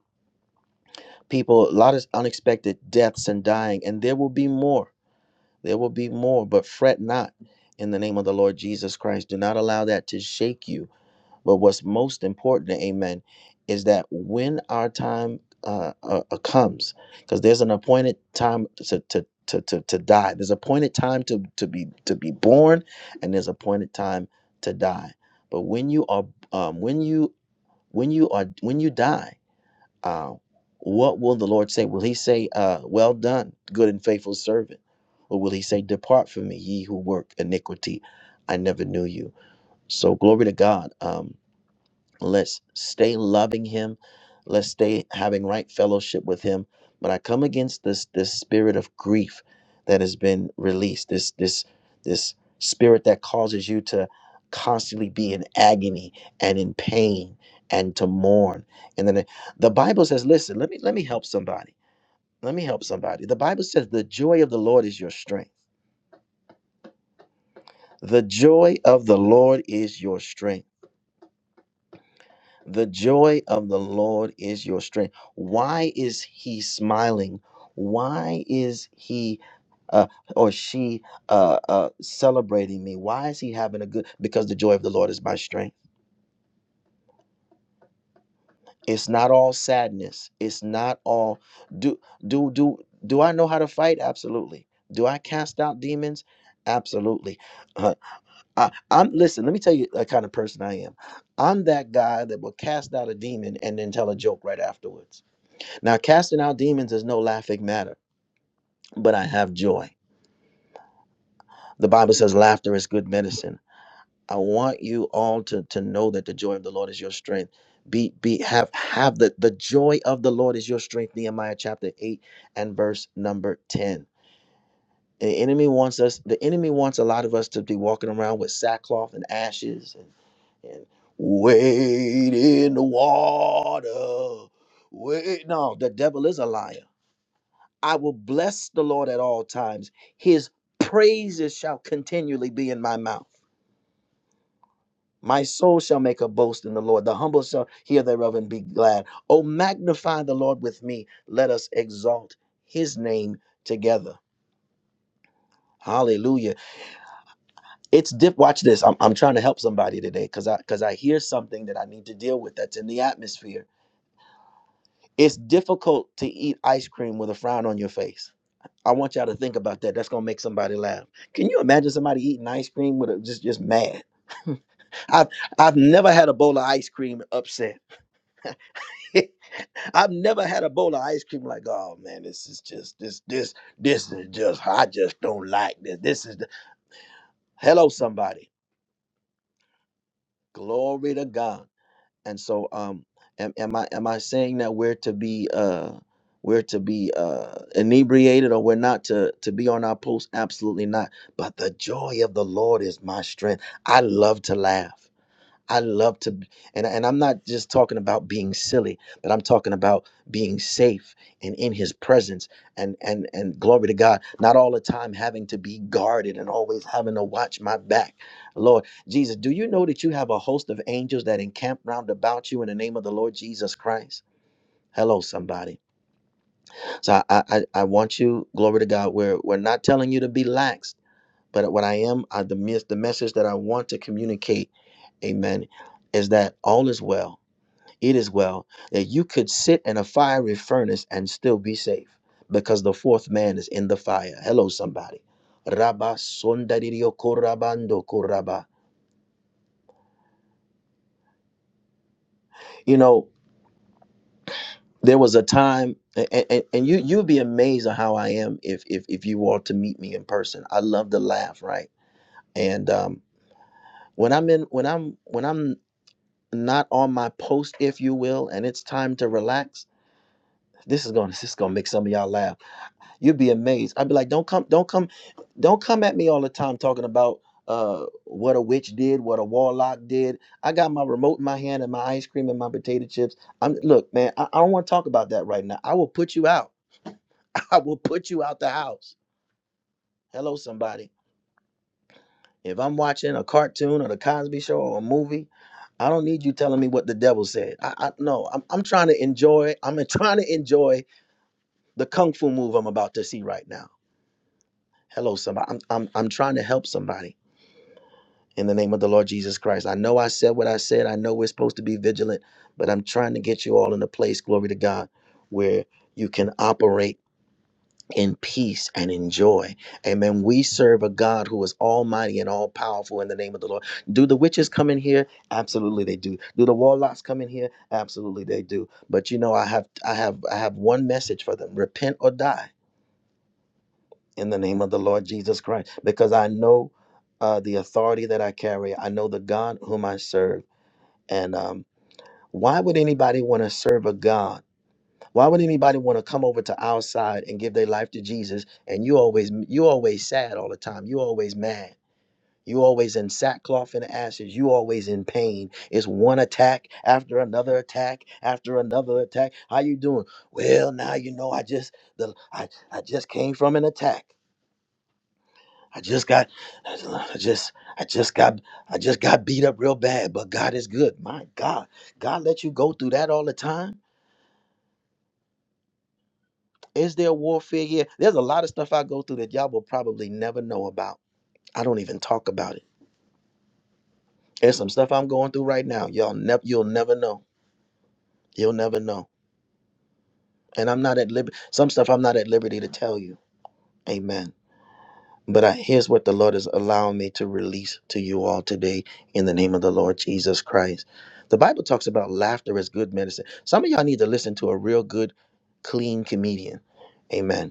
S7: people, a lot of unexpected deaths and dying, and there will be more. There will be more, but fret not in the name of the Lord Jesus Christ. Do not allow that to shake you but what's most important, amen, is that when our time uh, uh, uh, comes, because there's an appointed time to, to, to, to, to die. There's appointed time to, to be to be born, and there's appointed time to die. But when you are um, when you when you are when you die, uh, what will the Lord say? Will He say, uh, "Well done, good and faithful servant," or will He say, "Depart from me, ye who work iniquity, I never knew you"? So glory to God. Um, Let's stay loving him. Let's stay having right fellowship with him. But I come against this this spirit of grief that has been released. This this this spirit that causes you to constantly be in agony and in pain and to mourn. And then the Bible says, listen, let me let me help somebody. Let me help somebody. The Bible says the joy of the Lord is your strength. The joy of the Lord is your strength. The joy of the Lord is your strength. Why is he smiling? Why is he uh, or she uh, uh, celebrating me? Why is he having a good? Because the joy of the Lord is my strength. It's not all sadness. It's not all. Do do do do I know how to fight? Absolutely. Do I cast out demons? Absolutely. Uh, I, I'm listen. Let me tell you the kind of person I am. I'm that guy that will cast out a demon and then tell a joke right afterwards. Now, casting out demons is no laughing matter, but I have joy. The Bible says laughter is good medicine. I want you all to, to know that the joy of the Lord is your strength. Be be have have the, the joy of the Lord is your strength, Nehemiah chapter 8 and verse number 10. The enemy wants us, the enemy wants a lot of us to be walking around with sackcloth and ashes and and wait in the water. Wait. No, the devil is a liar. I will bless the Lord at all times. His praises shall continually be in my mouth. My soul shall make a boast in the Lord. The humble shall hear thereof and be glad. Oh, magnify the Lord with me. Let us exalt his name together. Hallelujah. It's dip. Watch this. I'm, I'm trying to help somebody today because I because I hear something that I need to deal with that's in the atmosphere. It's difficult to eat ice cream with a frown on your face. I want y'all to think about that. That's gonna make somebody laugh. Can you imagine somebody eating ice cream with a just just mad? I've I've never had a bowl of ice cream upset. I've never had a bowl of ice cream like, oh man, this is just this this this is just I just don't like this. This is the hello somebody. Glory to God. and so um am, am i am i saying that we're to be uh we're to be uh inebriated or we're not to to be on our post absolutely not but the joy of the lord is my strength i love to laugh I love to, and, and I'm not just talking about being silly, but I'm talking about being safe and in His presence, and and and glory to God. Not all the time having to be guarded and always having to watch my back. Lord Jesus, do you know that you have a host of angels that encamp round about you in the name of the Lord Jesus Christ? Hello, somebody. So I, I I want you, glory to God. We're we're not telling you to be lax but what I am, uh, the mes- the message that I want to communicate, Amen, is that all is well. It is well that you could sit in a fiery furnace and still be safe because the fourth man is in the fire. Hello, somebody. Rabba sondadirio korabando koraba. You know, there was a time, and, and, and you you'd be amazed at how I am if if if you were to meet me in person. I love to laugh, right? And um, when I'm in when I'm when I'm not on my post, if you will, and it's time to relax. This is gonna this is gonna make some of y'all laugh. You'd be amazed. I'd be like, don't come, don't come, don't come at me all the time talking about uh what a witch did, what a warlock did. I got my remote in my hand and my ice cream and my potato chips. I'm look, man, I, I don't want to talk about that right now. I will put you out. I will put you out the house. Hello, somebody. If I'm watching a cartoon or the Cosby Show or a movie, I don't need you telling me what the devil said. I, I no, I'm, I'm trying to enjoy. I'm trying to enjoy the kung fu move I'm about to see right now. Hello, somebody. I'm, I'm I'm trying to help somebody in the name of the Lord Jesus Christ. I know I said what I said. I know we're supposed to be vigilant, but I'm trying to get you all in a place, glory to God, where you can operate in peace and in joy. Amen. We serve a God who is almighty and all powerful in the name of the Lord. Do the witches come in here? Absolutely they do. Do the warlocks come in here? Absolutely they do. But you know, I have I have I have one message for them. Repent or die in the name of the Lord Jesus Christ. Because I know uh, the authority that I carry. I know the God whom I serve. And um, why would anybody want to serve a God? Why would anybody want to come over to our side and give their life to Jesus? And you always you always sad all the time. You always mad. You always in sackcloth and ashes. You always in pain. It's one attack after another attack after another attack. How you doing? Well, now you know I just the I, I just came from an attack. I just got I just I just got I just got beat up real bad, but God is good. My God. God let you go through that all the time? Is there warfare here? There's a lot of stuff I go through that y'all will probably never know about. I don't even talk about it. There's some stuff I'm going through right now. Y'all never you'll never know. You'll never know. And I'm not at liberty some stuff I'm not at liberty to tell you. Amen. But I, here's what the Lord is allowing me to release to you all today in the name of the Lord Jesus Christ. The Bible talks about laughter as good medicine. Some of y'all need to listen to a real good, clean comedian. Amen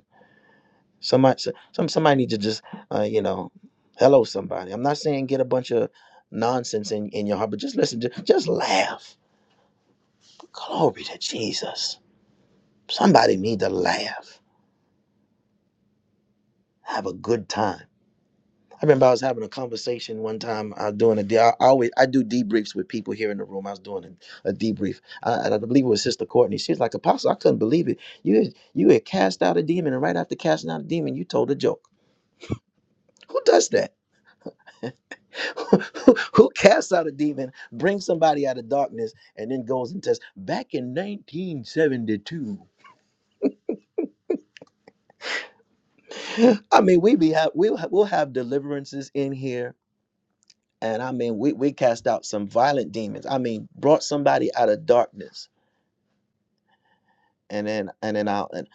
S7: Somebody, so- some somebody need to just, uh, you know, hello somebody. I'm not saying get a bunch of nonsense in, in your heart, but just listen, just, just laugh. Glory to Jesus. Somebody need to laugh, have a good time. I remember I was having a conversation one time. I was doing a de- I always I do debriefs with people here in the room. I was doing a, a debrief. I, I believe it was Sister Courtney. She was like, Apostle, I couldn't believe it. You had- you had cast out a demon, and right after casting out a demon, you told a joke. Who does that? Who casts out a demon, brings somebody out of darkness, and then goes and tests? Back in 1972, I mean, we be have we'll have, we'll have deliverances in here, and I mean, we we cast out some violent demons. I mean, brought somebody out of darkness, and then and then out, and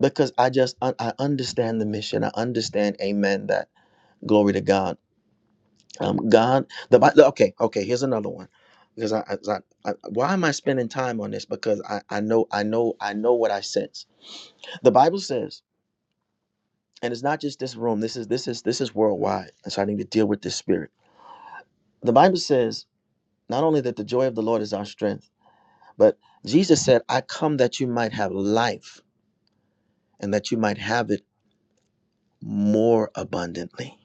S7: because I just un- I understand the mission. I understand, Amen. That glory to God Um, God, the Bible. Okay, okay. Here's another one. Because I, I, I, I- why am I spending time on this? Because I, I know, I know, I know what I sense. The Bible says, and it's not just this room. This is, this is, this is worldwide. And so I need to deal with this spirit. The Bible says not only that the joy of the Lord is our strength, but Jesus said, "I come that you might have life, and that you might have it more abundantly."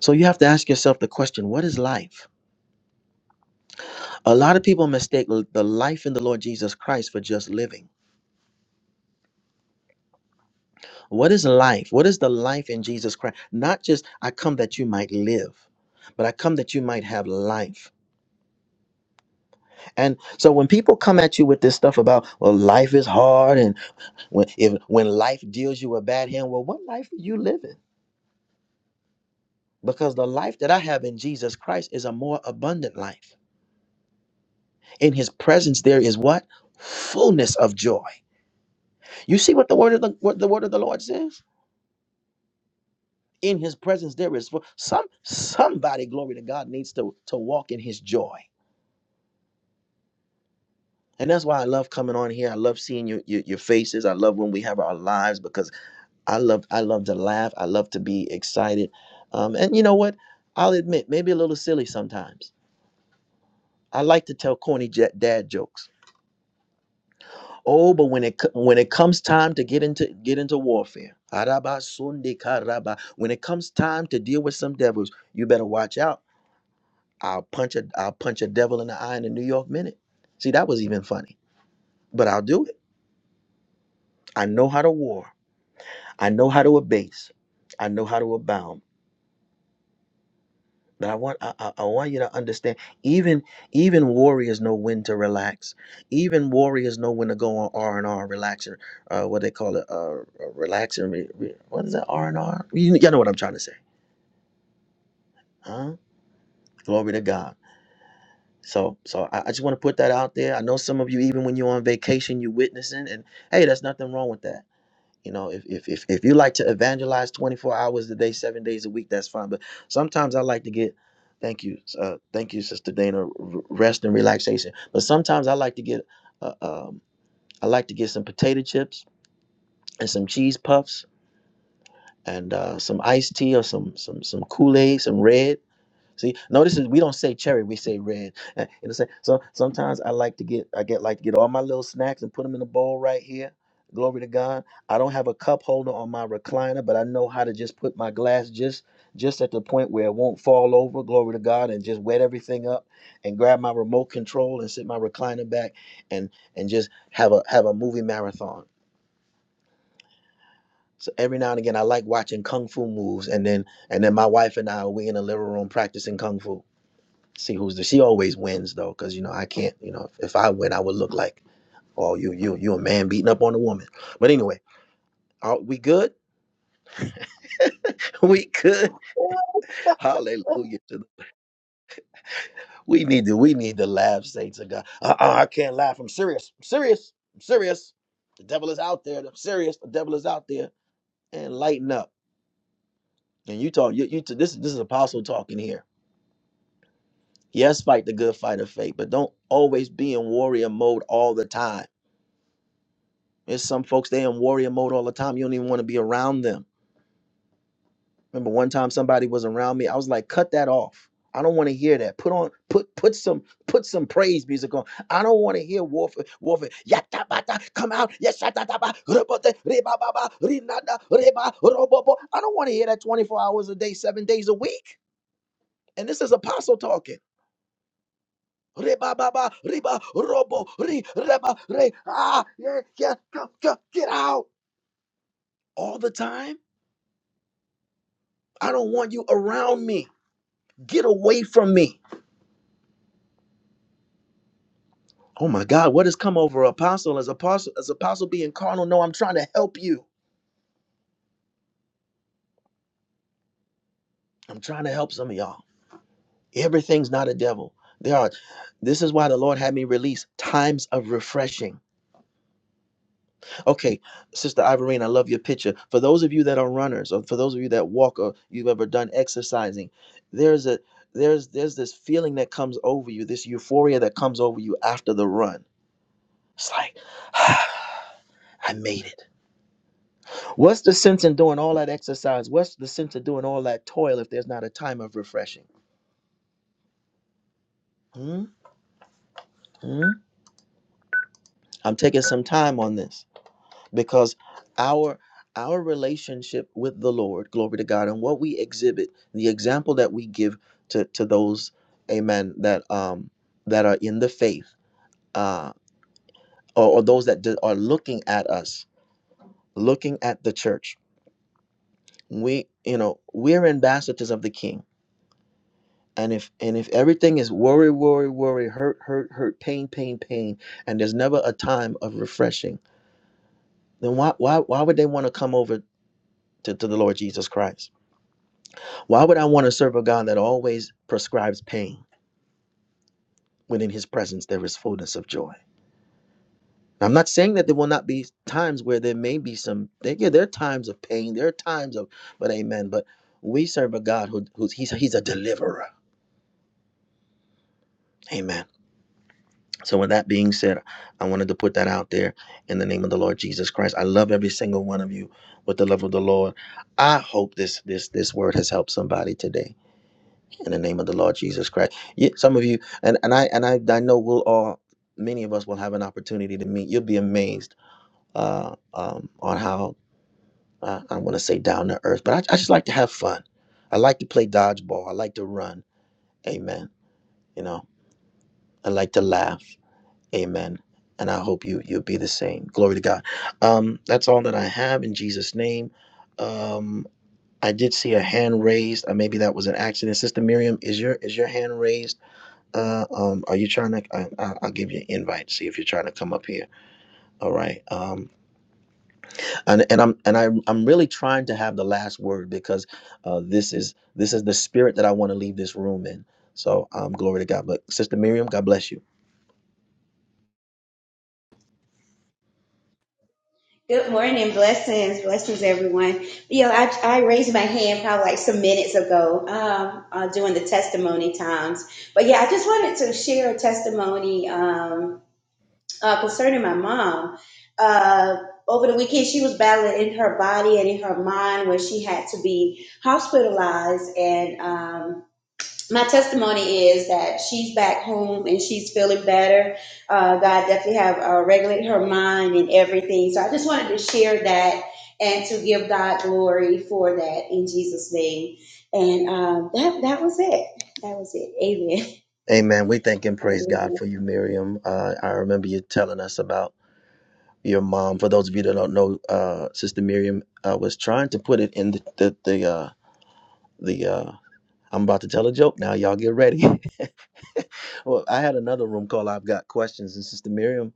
S7: So you have to ask yourself the question: What is life? A lot of people mistake l- the life in the Lord Jesus Christ for just living. What is life? What is the life in Jesus Christ? Not just, I come that you might live, but I come that you might have life. And so when people come at you with this stuff about, well, life is hard, and when, if, when life deals you a bad hand, well, what life are you living? Because the life that I have in Jesus Christ is a more abundant life. In his presence, there is what? Fullness of joy. You see what the word of the, what the word of the Lord says? In his presence, there is full- some somebody, glory to God, needs to, to walk in his joy And that's why I love coming on here. I love seeing your, your your faces. I love when we have our lives because I love I love to laugh. I love to be excited. Um, and you know what? I'll admit, maybe a little silly sometimes. I like to tell corny jet dad jokes. Oh, but when it co- when it comes time to get into get into warfare, araba sunde karaba. When it comes time to deal with some devils, you better watch out. I'll punch a I'll punch a devil in the eye in a New York minute. See, that was even funny, but I'll do it. I know how to war. I know how to abase. I know how to abound. But I want I, I I want you to understand. Even even warriors know when to relax. Even warriors know when to go on R and R, relaxer. Uh, what they call it? Uh, relaxer. Re, re- what is that? R and R. You y'all know what I'm trying to say, huh? Glory to God. So so I, I just want to put that out there. I know some of you, even when you're on vacation, you witnessing, and hey, there's nothing wrong with that. You know, if if if, if you like to evangelize 24 hours a day, seven days a week, that's fine. But sometimes I like to get thank you, uh, thank you, Sister Dana, r- rest and relaxation. But sometimes I like to get uh, um, I like to get some potato chips and some cheese puffs and uh, some iced tea or some some some Kool Aid, some red. See, notice is we don't say cherry, we say red. Uh, It'll say so. Sometimes I like to get, I get like to get all my little snacks and put them in a bowl right here. Glory to God. I don't have a cup holder on my recliner, but I know how to just put my glass just just at the point where it won't fall over. Glory to God, and just wet everything up, and grab my remote control and sit my recliner back, and and just have a have a movie marathon. So every now and again, I like watching kung fu moves, and then and then my wife and I we in the living room practicing kung fu see who's the she always wins though because you know i can't you know if, if i win i would look like oh you you you a man beating up on a woman but anyway are we good we good hallelujah we need to we need to laugh say to god uh-uh, i can't laugh i'm serious i'm serious i'm serious the devil is out there i'm serious the devil is out there and lighten up and you talk you, you this this is apostle talking here yes fight the good fight of faith but don't always be in warrior mode all the time There's some folks they in warrior mode all the time. You don't even want to be around them. Remember one time somebody was around me. I was like, cut that off. I don't want to hear that. Put on put put some put some praise music on. I don't want to hear warfare warfare. Yata bata, come out. Yes, yata taba, rubote, riba baba, rinada, reba robobo. I don't want to hear that 24 hours a day, seven days a week. And this is apostle talking. Reba baba, riba, robo, ri, reba, re. Ah, yeah, yeah, come, come, get out all the time. I don't want you around me. Get away from me. Oh my God, what has come over apostle as apostle as apostle being carnal? No, I'm trying to help you. I'm trying to help some of y'all. Everything's not a devil. There are this is why the Lord had me release times of refreshing. Okay, Sister Ivorine, I love your picture. For those of you that are runners, or for those of you that walk or you've ever done exercising, there's a there's there's this feeling that comes over you, this euphoria that comes over you after the run. It's like, I made it. What's the sense in doing all that exercise? What's the sense of doing all that toil if there's not a time of refreshing? Hmm? Hmm? I'm taking some time on this because our our relationship with the Lord, glory to God, and what we exhibit, the example that we give to to those, Amen, that um that are in the faith, uh, or, or those that d- are looking at us, looking at the church. We, you know, we're ambassadors of the King and if and if everything is worry worry worry hurt hurt hurt pain pain pain and there's never a time of refreshing then why why why would they want to come over to, to the lord jesus christ why would i want to serve a god that always prescribes pain when in his presence there is fullness of joy i'm not saying that there will not be times where there may be some there, yeah there are times of pain there are times of but amen but we serve a god who, who's he's, he's a deliverer amen So, with that being said, I wanted to put that out there in the name of the Lord Jesus Christ. I love every single one of you with the love of the Lord. I hope this this this word has helped somebody today in the name of the Lord Jesus Christ. Yeah, some of you, and and I and I, I know we'll all many of us will have an opportunity to meet. You'll be amazed uh, um, on how uh, I want to say down to earth, but I, I just like to have fun. I like to play dodgeball. I like to run. Amen. You know, I like to laugh. Amen. And I hope you you'll be the same. Glory to God. Um, that's all that I have in Jesus' name. Um, I did see a hand raised. Uh, maybe that was an accident. Sister Miriam, is your is your hand raised? Uh, um, are you trying to? I, I- I'll give you an invite. See if you're trying to come up here. All right. Um, and and I'm and I I'm I'm really trying to have the last word because uh, this is this is the spirit that I want to leave this room in. So um, glory to God. But Sister Miriam, God bless you.
S2: Good morning, blessings, blessings, everyone. You know, I, I raised my hand probably like some minutes ago um, uh, doing the testimony times. But yeah, I just wanted to share a testimony um, uh, concerning my mom. Uh, over the weekend, she was battling in her body and in her mind where she had to be hospitalized and. um, my testimony is that she's back home and she's feeling better. Uh, God definitely have uh, regulated her mind and everything. So I just wanted to share that and to give God glory for that in Jesus' name. And um, that that was it. That was it. Amen.
S7: Amen. We thank and praise God for you, Miriam. Uh, I remember you telling us about your mom. For those of you that don't know, uh, Sister Miriam uh, was trying to put it in the the, the uh, the. Uh, I'm about to tell a joke now. Y'all get ready. well, I had another room call. I've got questions, and Sister Miriam,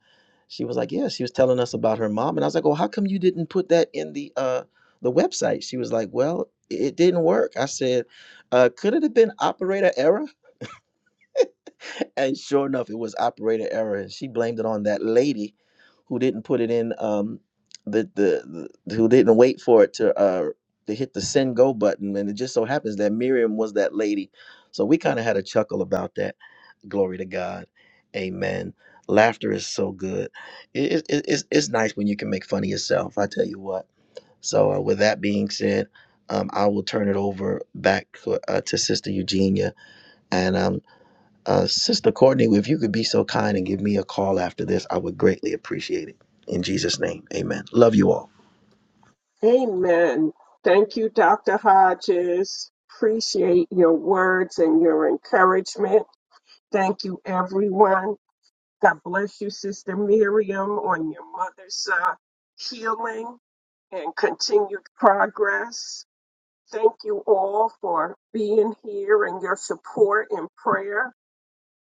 S7: she was like, "Yeah." She was telling us about her mom, and I was like, "Well, how come you didn't put that in the uh, the website?" She was like, "Well, it didn't work." I said, uh, "Could it have been operator error?" and sure enough, it was operator error. and She blamed it on that lady who didn't put it in um the the, the who didn't wait for it to uh to hit the send go button. And it just so happens that Miriam was that lady. So we kind of had a chuckle about that. Glory to God. Amen. Laughter is so good. It, it, it's, it's nice when you can make fun of yourself. I tell you what. So uh, with that being said, um, I will turn it over back to, uh, to Sister Eugenia. and. um, uh, Sister Courtney, if you could be so kind and give me a call after this, I would greatly appreciate it. In Jesus' name, amen. Love you all.
S1: Amen. Thank you, Dr. Hodges. Appreciate your words and your encouragement. Thank you, everyone. God bless you, Sister Miriam, on your mother's uh, healing and continued progress. Thank you all for being here and your support and prayer.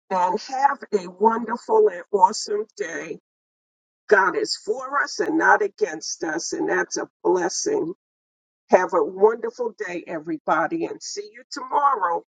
S1: And have a wonderful and awesome day. God is for us and not against us, and that's a blessing. Have a wonderful day, everybody, and see you tomorrow.